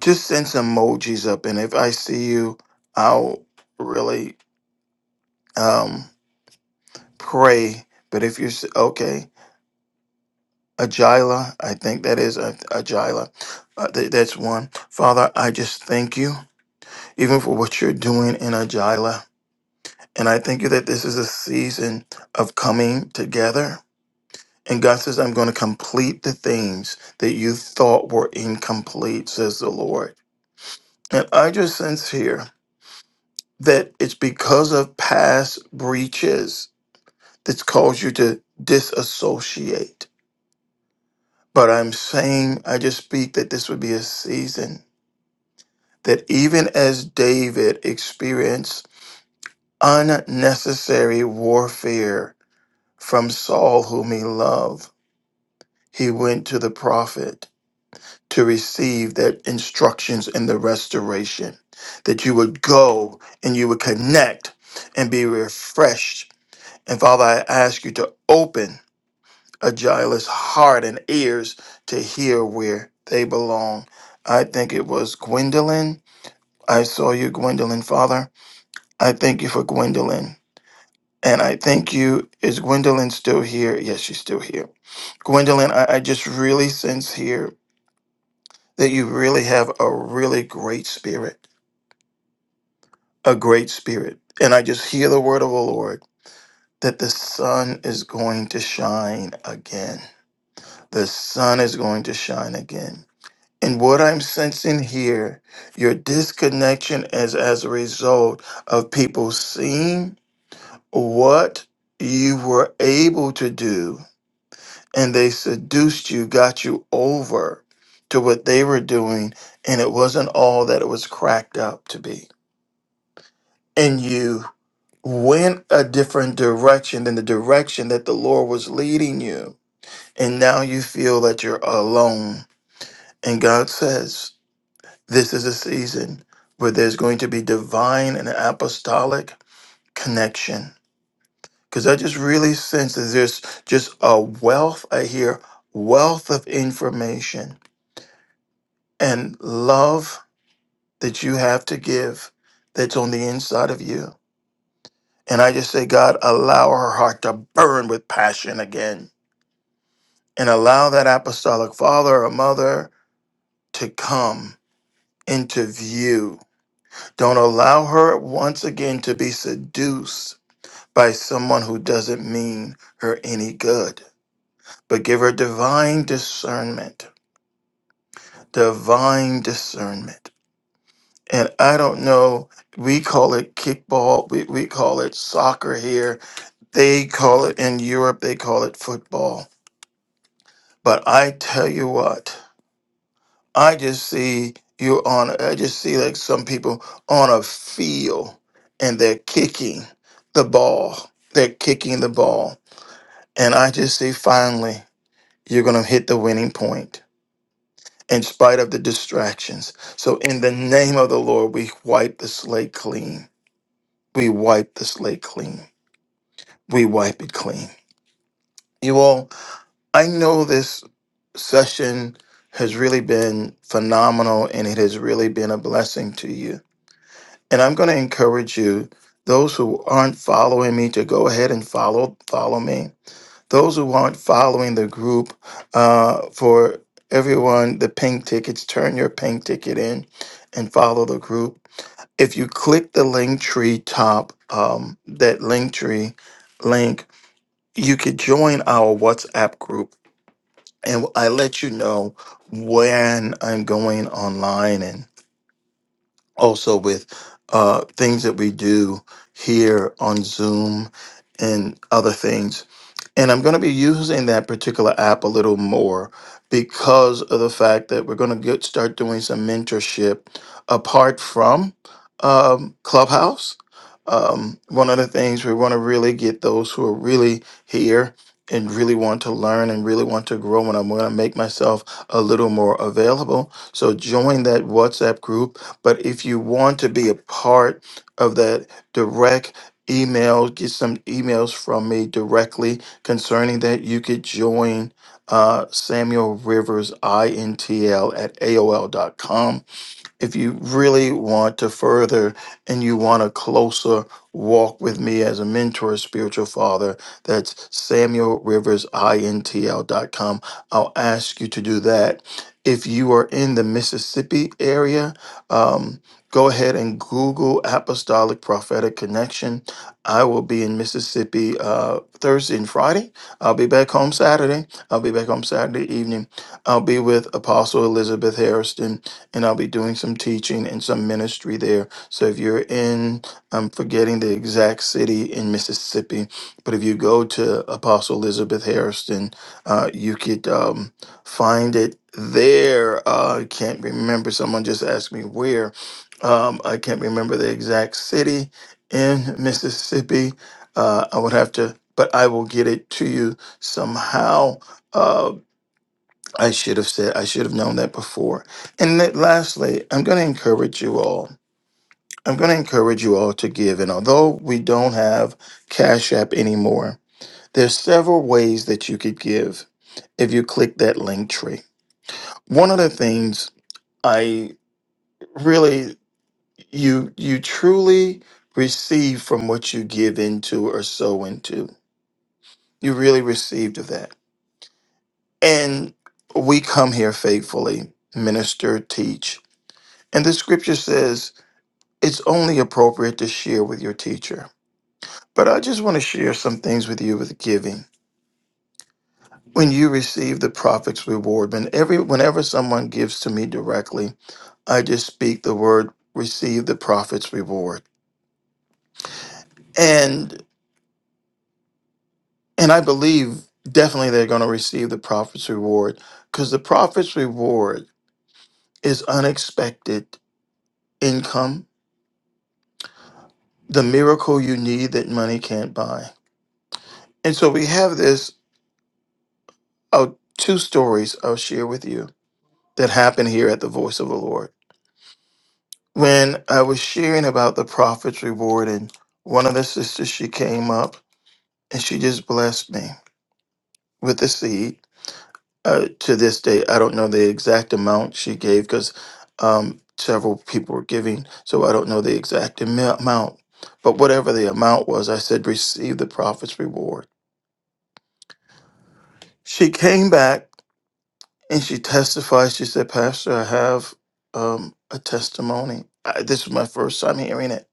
Speaker 1: Just send some emojis up, and if I see you, I'll really. um. pray. But if you're s- okay, Agila, I think that is a- Agila. Uh, th- that's one. Father, I just thank you, even for what you're doing in Agila. And I thank you that this is a season of coming together. And God says, I'm going to complete the things that you thought were incomplete, says the Lord. And I just sense here that it's because of past breaches that's caused you to disassociate But I'm saying, I just speak that this would be a season that even as David experienced unnecessary warfare from Saul, whom he loved, he went to the prophet to receive that instructions and the restoration. That you would go and you would connect and be refreshed. And Father, I ask you to open. Agila's heart and ears to hear where they belong. I think it was Gwendolyn. I saw you, Gwendolyn, Father. I thank you for Gwendolyn. And I thank you. Is Gwendolyn still here? Yes, she's still here. Gwendolyn, I, I just really sense here that you really have a really great spirit, a great spirit. And I just hear the word of the Lord that the sun is going to shine again. The sun is going to shine again And what I'm sensing here, your disconnection is as a result of people seeing what you were able to do, and they seduced you, got you over to what they were doing, and it wasn't all that it was cracked up to be. And you went a different direction than the direction that the Lord was leading you. And now you feel that you're alone. And God says, This is a season where there's going to be divine and apostolic connection. Because I just really sense that there's just a wealth, I hear wealth of information and love that you have to give that's on the inside of you. And I just say, God, allow her heart to burn with passion again and allow that apostolic father or mother to come into view. Don't allow her once again to be seduced by someone who doesn't mean her any good, but give her divine discernment. Divine discernment. And I don't know, we call it kickball, we, we call it soccer here. They call it in Europe, they call it football. But I tell you what, I just see you on, I just see like some people on a field and they're kicking the ball. They're kicking the ball. And I just see finally. you're going to hit the winning point in spite of the distractions. So, in the name of the Lord, we wipe the slate clean. We wipe the slate clean. We wipe it clean. You all, I know this session has really been phenomenal and it has really been a blessing to you. And I'm going to encourage you, those who aren't following me, to go ahead and follow follow me those who aren't following the group uh, for everyone the pink tickets turn your pink ticket in and follow the group if you click the link tree top um, that link tree link you could join our whatsapp group and i let you know when i'm going online and also with uh, things that we do here on zoom and other things and I'm going to be using that particular app a little more because of the fact that we're going to get start doing some mentorship apart from um, Clubhouse. Um, one of the things we want to really get those who are really here and really want to learn and really want to grow, and I'm going to make myself a little more available. So join that WhatsApp group. But if you want to be a part of that direct email, get some emails from me directly concerning that, you could join uh, Samuel Rivers INTL at AOL dot com if you really want to further and you want a closer walk with me as a mentor, spiritual father, that's samuelriversintl.com. I'll ask you to do that. If you are in the Mississippi area, um, go ahead and Google Apostolic Prophetic Connection. I will be in Mississippi uh, Thursday and Friday. I'll be back home Saturday. I'll be back home Saturday evening. I'll be with Apostle Elizabeth Harrison and I'll be doing some teaching and some ministry there. So if you're in, I'm forgetting the exact city in Mississippi, but if you go to Apostle Elizabeth Harrison, uh, you could um, find it there. Uh, I can't remember. Someone just asked me where. Um, I can't remember the exact city in Mississippi. Uh, I would have to, but I will get it to you somehow. Uh, I should have said, I should have known that before. And then lastly, I'm going to encourage you all. I'm going to encourage you all to give. And although we don't have Cash App anymore, there's several ways that you could give if you click that link tree. One of the things I really, you, you truly receive from what you give into or sow into. You really received of that. And we come here faithfully, minister, teach, And the scripture says it's only appropriate to share with your teacher. But I just want to share some things with you with giving. When you receive the prophet's reward, when every, whenever someone gives to me directly, I just speak the word receive the prophet's reward. And and I believe definitely they're going to receive the prophet's reward because the prophet's reward is unexpected income, the miracle you need that money can't buy. And so we have this Oh, two stories I'll share with you that happened here at the Voice of the Lord. When I was sharing about the prophet's reward, and one of the sisters, she came up and she just blessed me with the seed. Uh, to this day, I don't know the exact amount she gave because um, several people were giving, so I don't know the exact amo- amount. But whatever the amount was, I said, receive the prophet's reward. She came back And she testified. She said, Pastor, I have um, a testimony. I, this was my first time hearing it.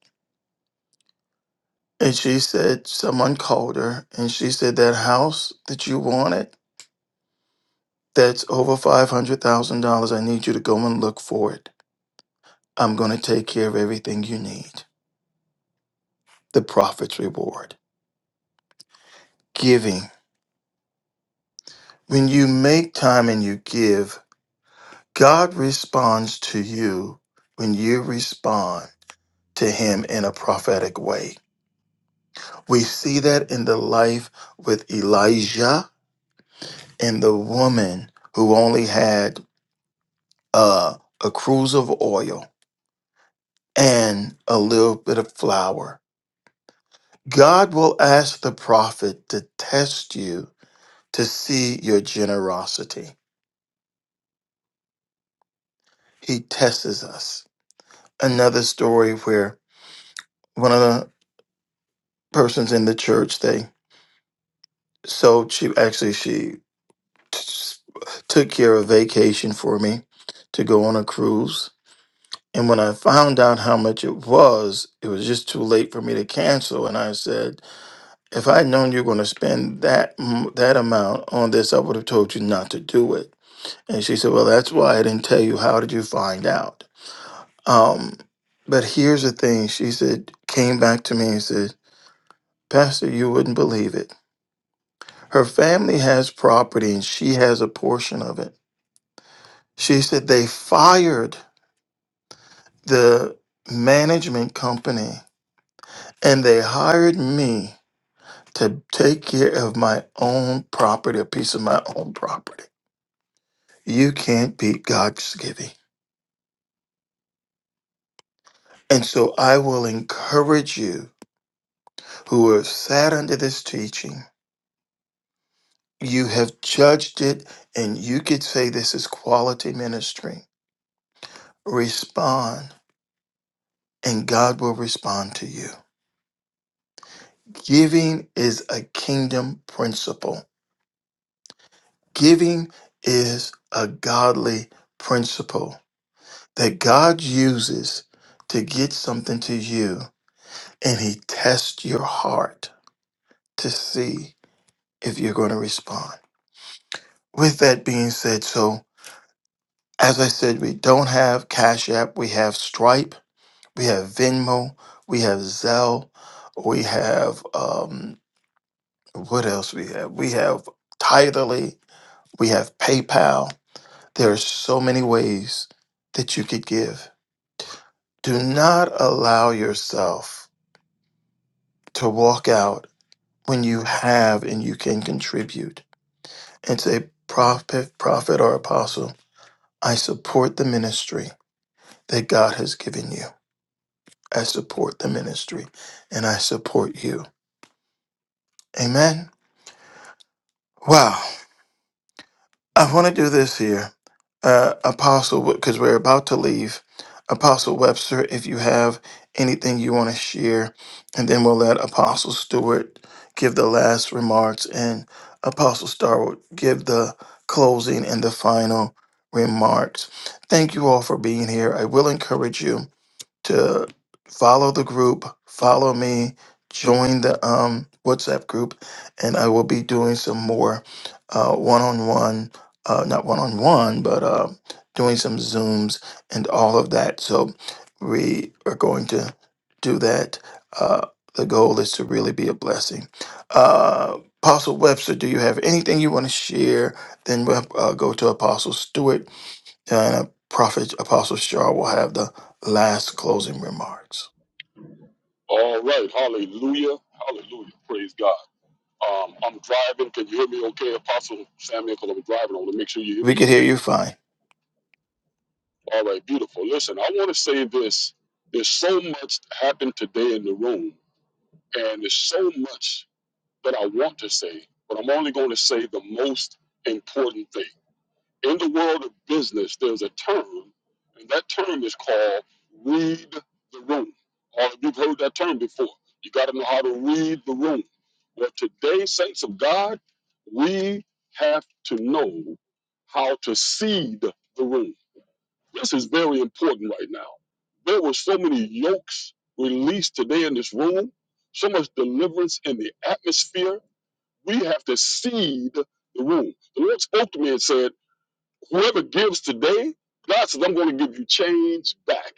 Speaker 1: And she said, someone called her and she said, that house that you wanted, that's over $500,000. I need you to go and look for it. I'm going to take care of everything you need. The prophet's reward. Giving. When you make time and you give, God responds to you when you respond to Him in a prophetic way. We see that in the life with Elijah and the woman who only had uh, a cruise of oil and a little bit of flour. God will ask the prophet to test you to see your generosity. He tests us. Another story where one of the persons in the church, they so she actually she t- took care of vacation for me to go on a cruise And when I found out how much it was, it was just too late for me to cancel. And I said, if I'd known you were going to spend that m- that amount on this, I would have told you not to do it. And she said, well, that's why I didn't tell you. How did you find out? Um, but here's the thing. She said, came back to me and said, Pastor, you wouldn't believe it. Her family has property and she has a portion of it. She said they fired the management company and they hired me to take care of my own property, a piece of my own property. You can't beat God's giving. And so I will encourage you who have sat under this teaching, you have judged it, and you could say this is quality ministry. Respond, and God will respond to you. Giving is a kingdom principle, giving is a godly principle that God uses to get something to you and he tests your heart to see if you're going to respond. With that being said, so as I said, we don't have Cash App, we have Stripe, we have Venmo, we have Zelle, we have um, what else we have? We have Tidally, we have PayPal. There are so many ways that you could give. Do not allow yourself to walk out when you have and you can contribute It's a prophet, prophet or apostle. I support the ministry that God has given you. I support the ministry and I support you. Amen. Wow. I want to do this here, uh, Apostle, because we're about to leave. Apostle Webster, if you have anything you want to share, and then we'll let Apostle Stewart give the last remarks, and Apostle Starwood give the closing and the final remarks. Thank you all for being here. I will encourage you to follow the group, follow me, join the um, WhatsApp group, and I will be doing some more one on one, not one on one, but uh, doing some Zooms and all of that. So we are going to do that. Uh, the goal is to really be a blessing. Uh, Apostle Webster, do you have anything you want to share? Then we'll uh, go to Apostle Stewart uh, Prophet Apostle Shaw will have the last closing remarks.
Speaker 7: All right. Hallelujah. Hallelujah. Praise God. Um, I'm driving. Can you hear me okay, Apostle Samuel? Because I'm driving. I want to make sure you hear
Speaker 1: We
Speaker 7: me
Speaker 1: can
Speaker 7: okay.
Speaker 1: hear you fine.
Speaker 7: All right. Beautiful. Listen, I want to say this. There's so much happened today in the room, and there's so much that I want to say, but I'm only going to say the most important thing. In the world of business, there's a term, and that term is called read the room. All of you've heard that term before. You got to know how to read the room. Well, today, saints of God, we have to know how to seed the room. This is very important right now. There were so many yokes released today in this room, so much deliverance in the atmosphere. We have to seed the room. The Lord spoke to me and said, Whoever gives today, God says, I'm going to give you change back.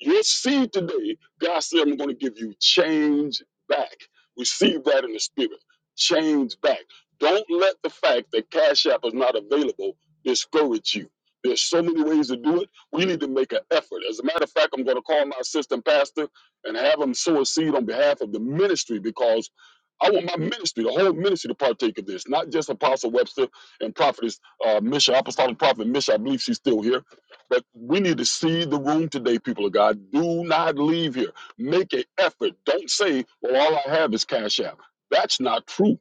Speaker 7: Your seed today, God said, I'm going to give you change back. Receive that in the spirit. Change back. Don't let the fact that Cash App is not available discourage you. There's so many ways to do it. We need to make an effort. As a matter of fact, I'm going to call my assistant pastor and have him sow a seed on behalf of the ministry because I want my ministry, the whole ministry, to partake of this, not just Apostle Webster and Prophetess uh, Misha, Apostolic Prophet Misha. I believe she's still here but we need to see the room today, people of God. Do not leave here. Make an effort. Don't say, well, all I have is Cash App. That's not true.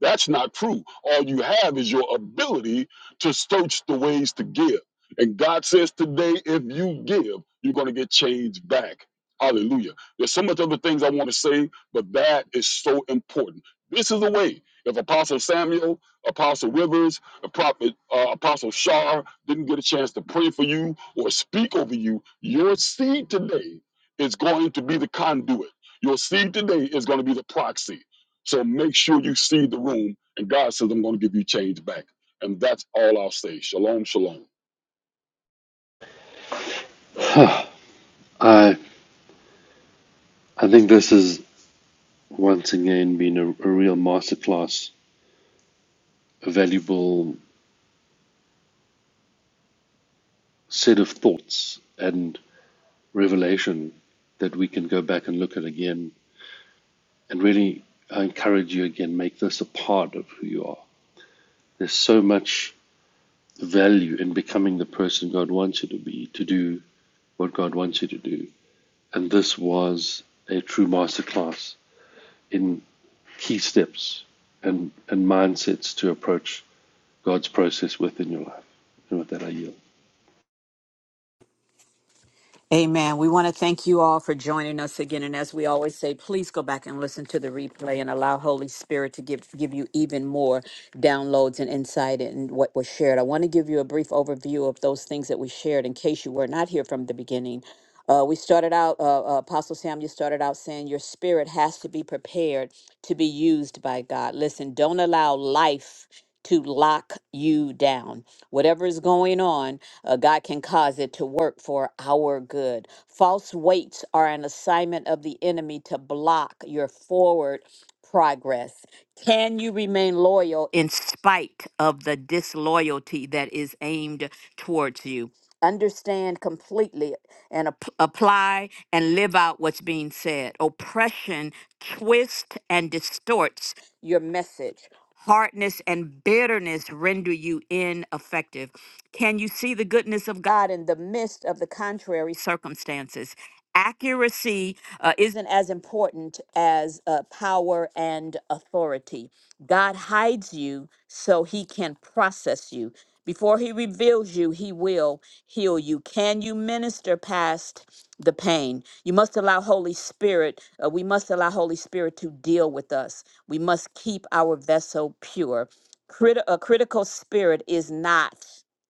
Speaker 7: That's not true. All you have is your ability to search the ways to give. And God says today, if you give, you're going to get change back. Hallelujah. There's so much other things I want to say, but that is so important. This is the way. If Apostle Samuel, Apostle Rivers, the prophet uh, Apostle Shar didn't get a chance to pray for you or speak over you, your seed today is going to be the conduit. Your seed today is going to be the proxy. So make sure you see the room, and God says, I'm going to give you change back. And that's all I'll say. Shalom, shalom.
Speaker 5: Huh. I I think this has once again been a, a real masterclass, a valuable set of thoughts and revelation that we can go back and look at again. And really, I encourage you again, make this a part of who you are. There's so much value in becoming the person God wants you to be, to do what God wants you to do and this was a true masterclass in key steps and, and mindsets to approach God's process within your life. And with that, I yield.
Speaker 4: Amen. We want to thank you all for joining us again. And as we always say, please go back and listen to the replay and allow Holy Spirit to give, give you even more downloads and insight in what was shared. I want to give you a brief overview of those things that we shared in case you were not here from the beginning. Uh, we started out, uh, uh, Apostle Sam, you started out saying your spirit has to be prepared to be used by God. Listen, don't allow life to lock you down. Whatever is going on, uh, God can cause it to work for our good. False weights are an assignment of the enemy to block your forward progress? Can you remain loyal in spite of the disloyalty that is aimed towards you? Understand completely and ap- apply and live out what's being said. Oppression twists and distorts your message. Hardness and bitterness render you ineffective. Can you see the goodness of God in the midst of the contrary circumstances? Accuracy uh, isn't as important as uh, power and authority. God hides you so he can process you. Before he reveals you, he will heal you. Can you minister past the pain? You must allow Holy Spirit, uh, we must allow Holy Spirit to deal with us. We must keep our vessel pure. Crit- a critical spirit is not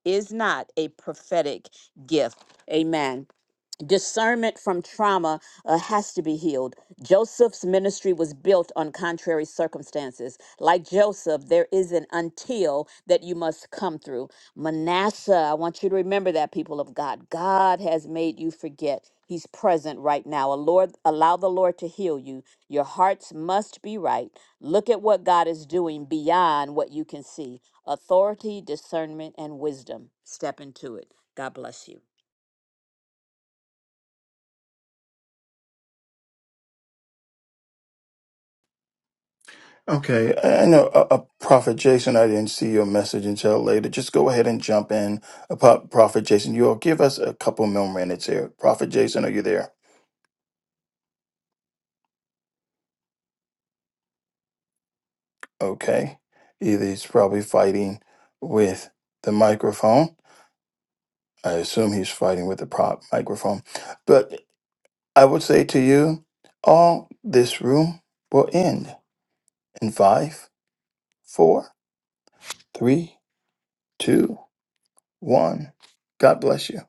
Speaker 4: is not a prophetic gift. Amen discernment from trauma uh, has to be healed. Joseph's ministry was built on contrary circumstances. Like Joseph, there is an until that you must come through. Manasseh, I want you to remember that, people of God. God has made you forget. He's present right now. A Lord, allow the Lord to heal you. Your hearts must be right. Look at what God is doing beyond what you can see. Authority, discernment, and wisdom. Step into it. God bless you.
Speaker 1: Okay, I know, uh, uh, Prophet Jason, I didn't see your message until later. Just go ahead and jump in. Uh, Pro- Prophet Jason, you'll give us a couple more minutes here. Prophet Jason, are you there? Okay. Either he's probably fighting with the microphone. I assume he's fighting with the prop microphone. But I would say to you, all this room will end in five, four, Three, two, one. God bless you.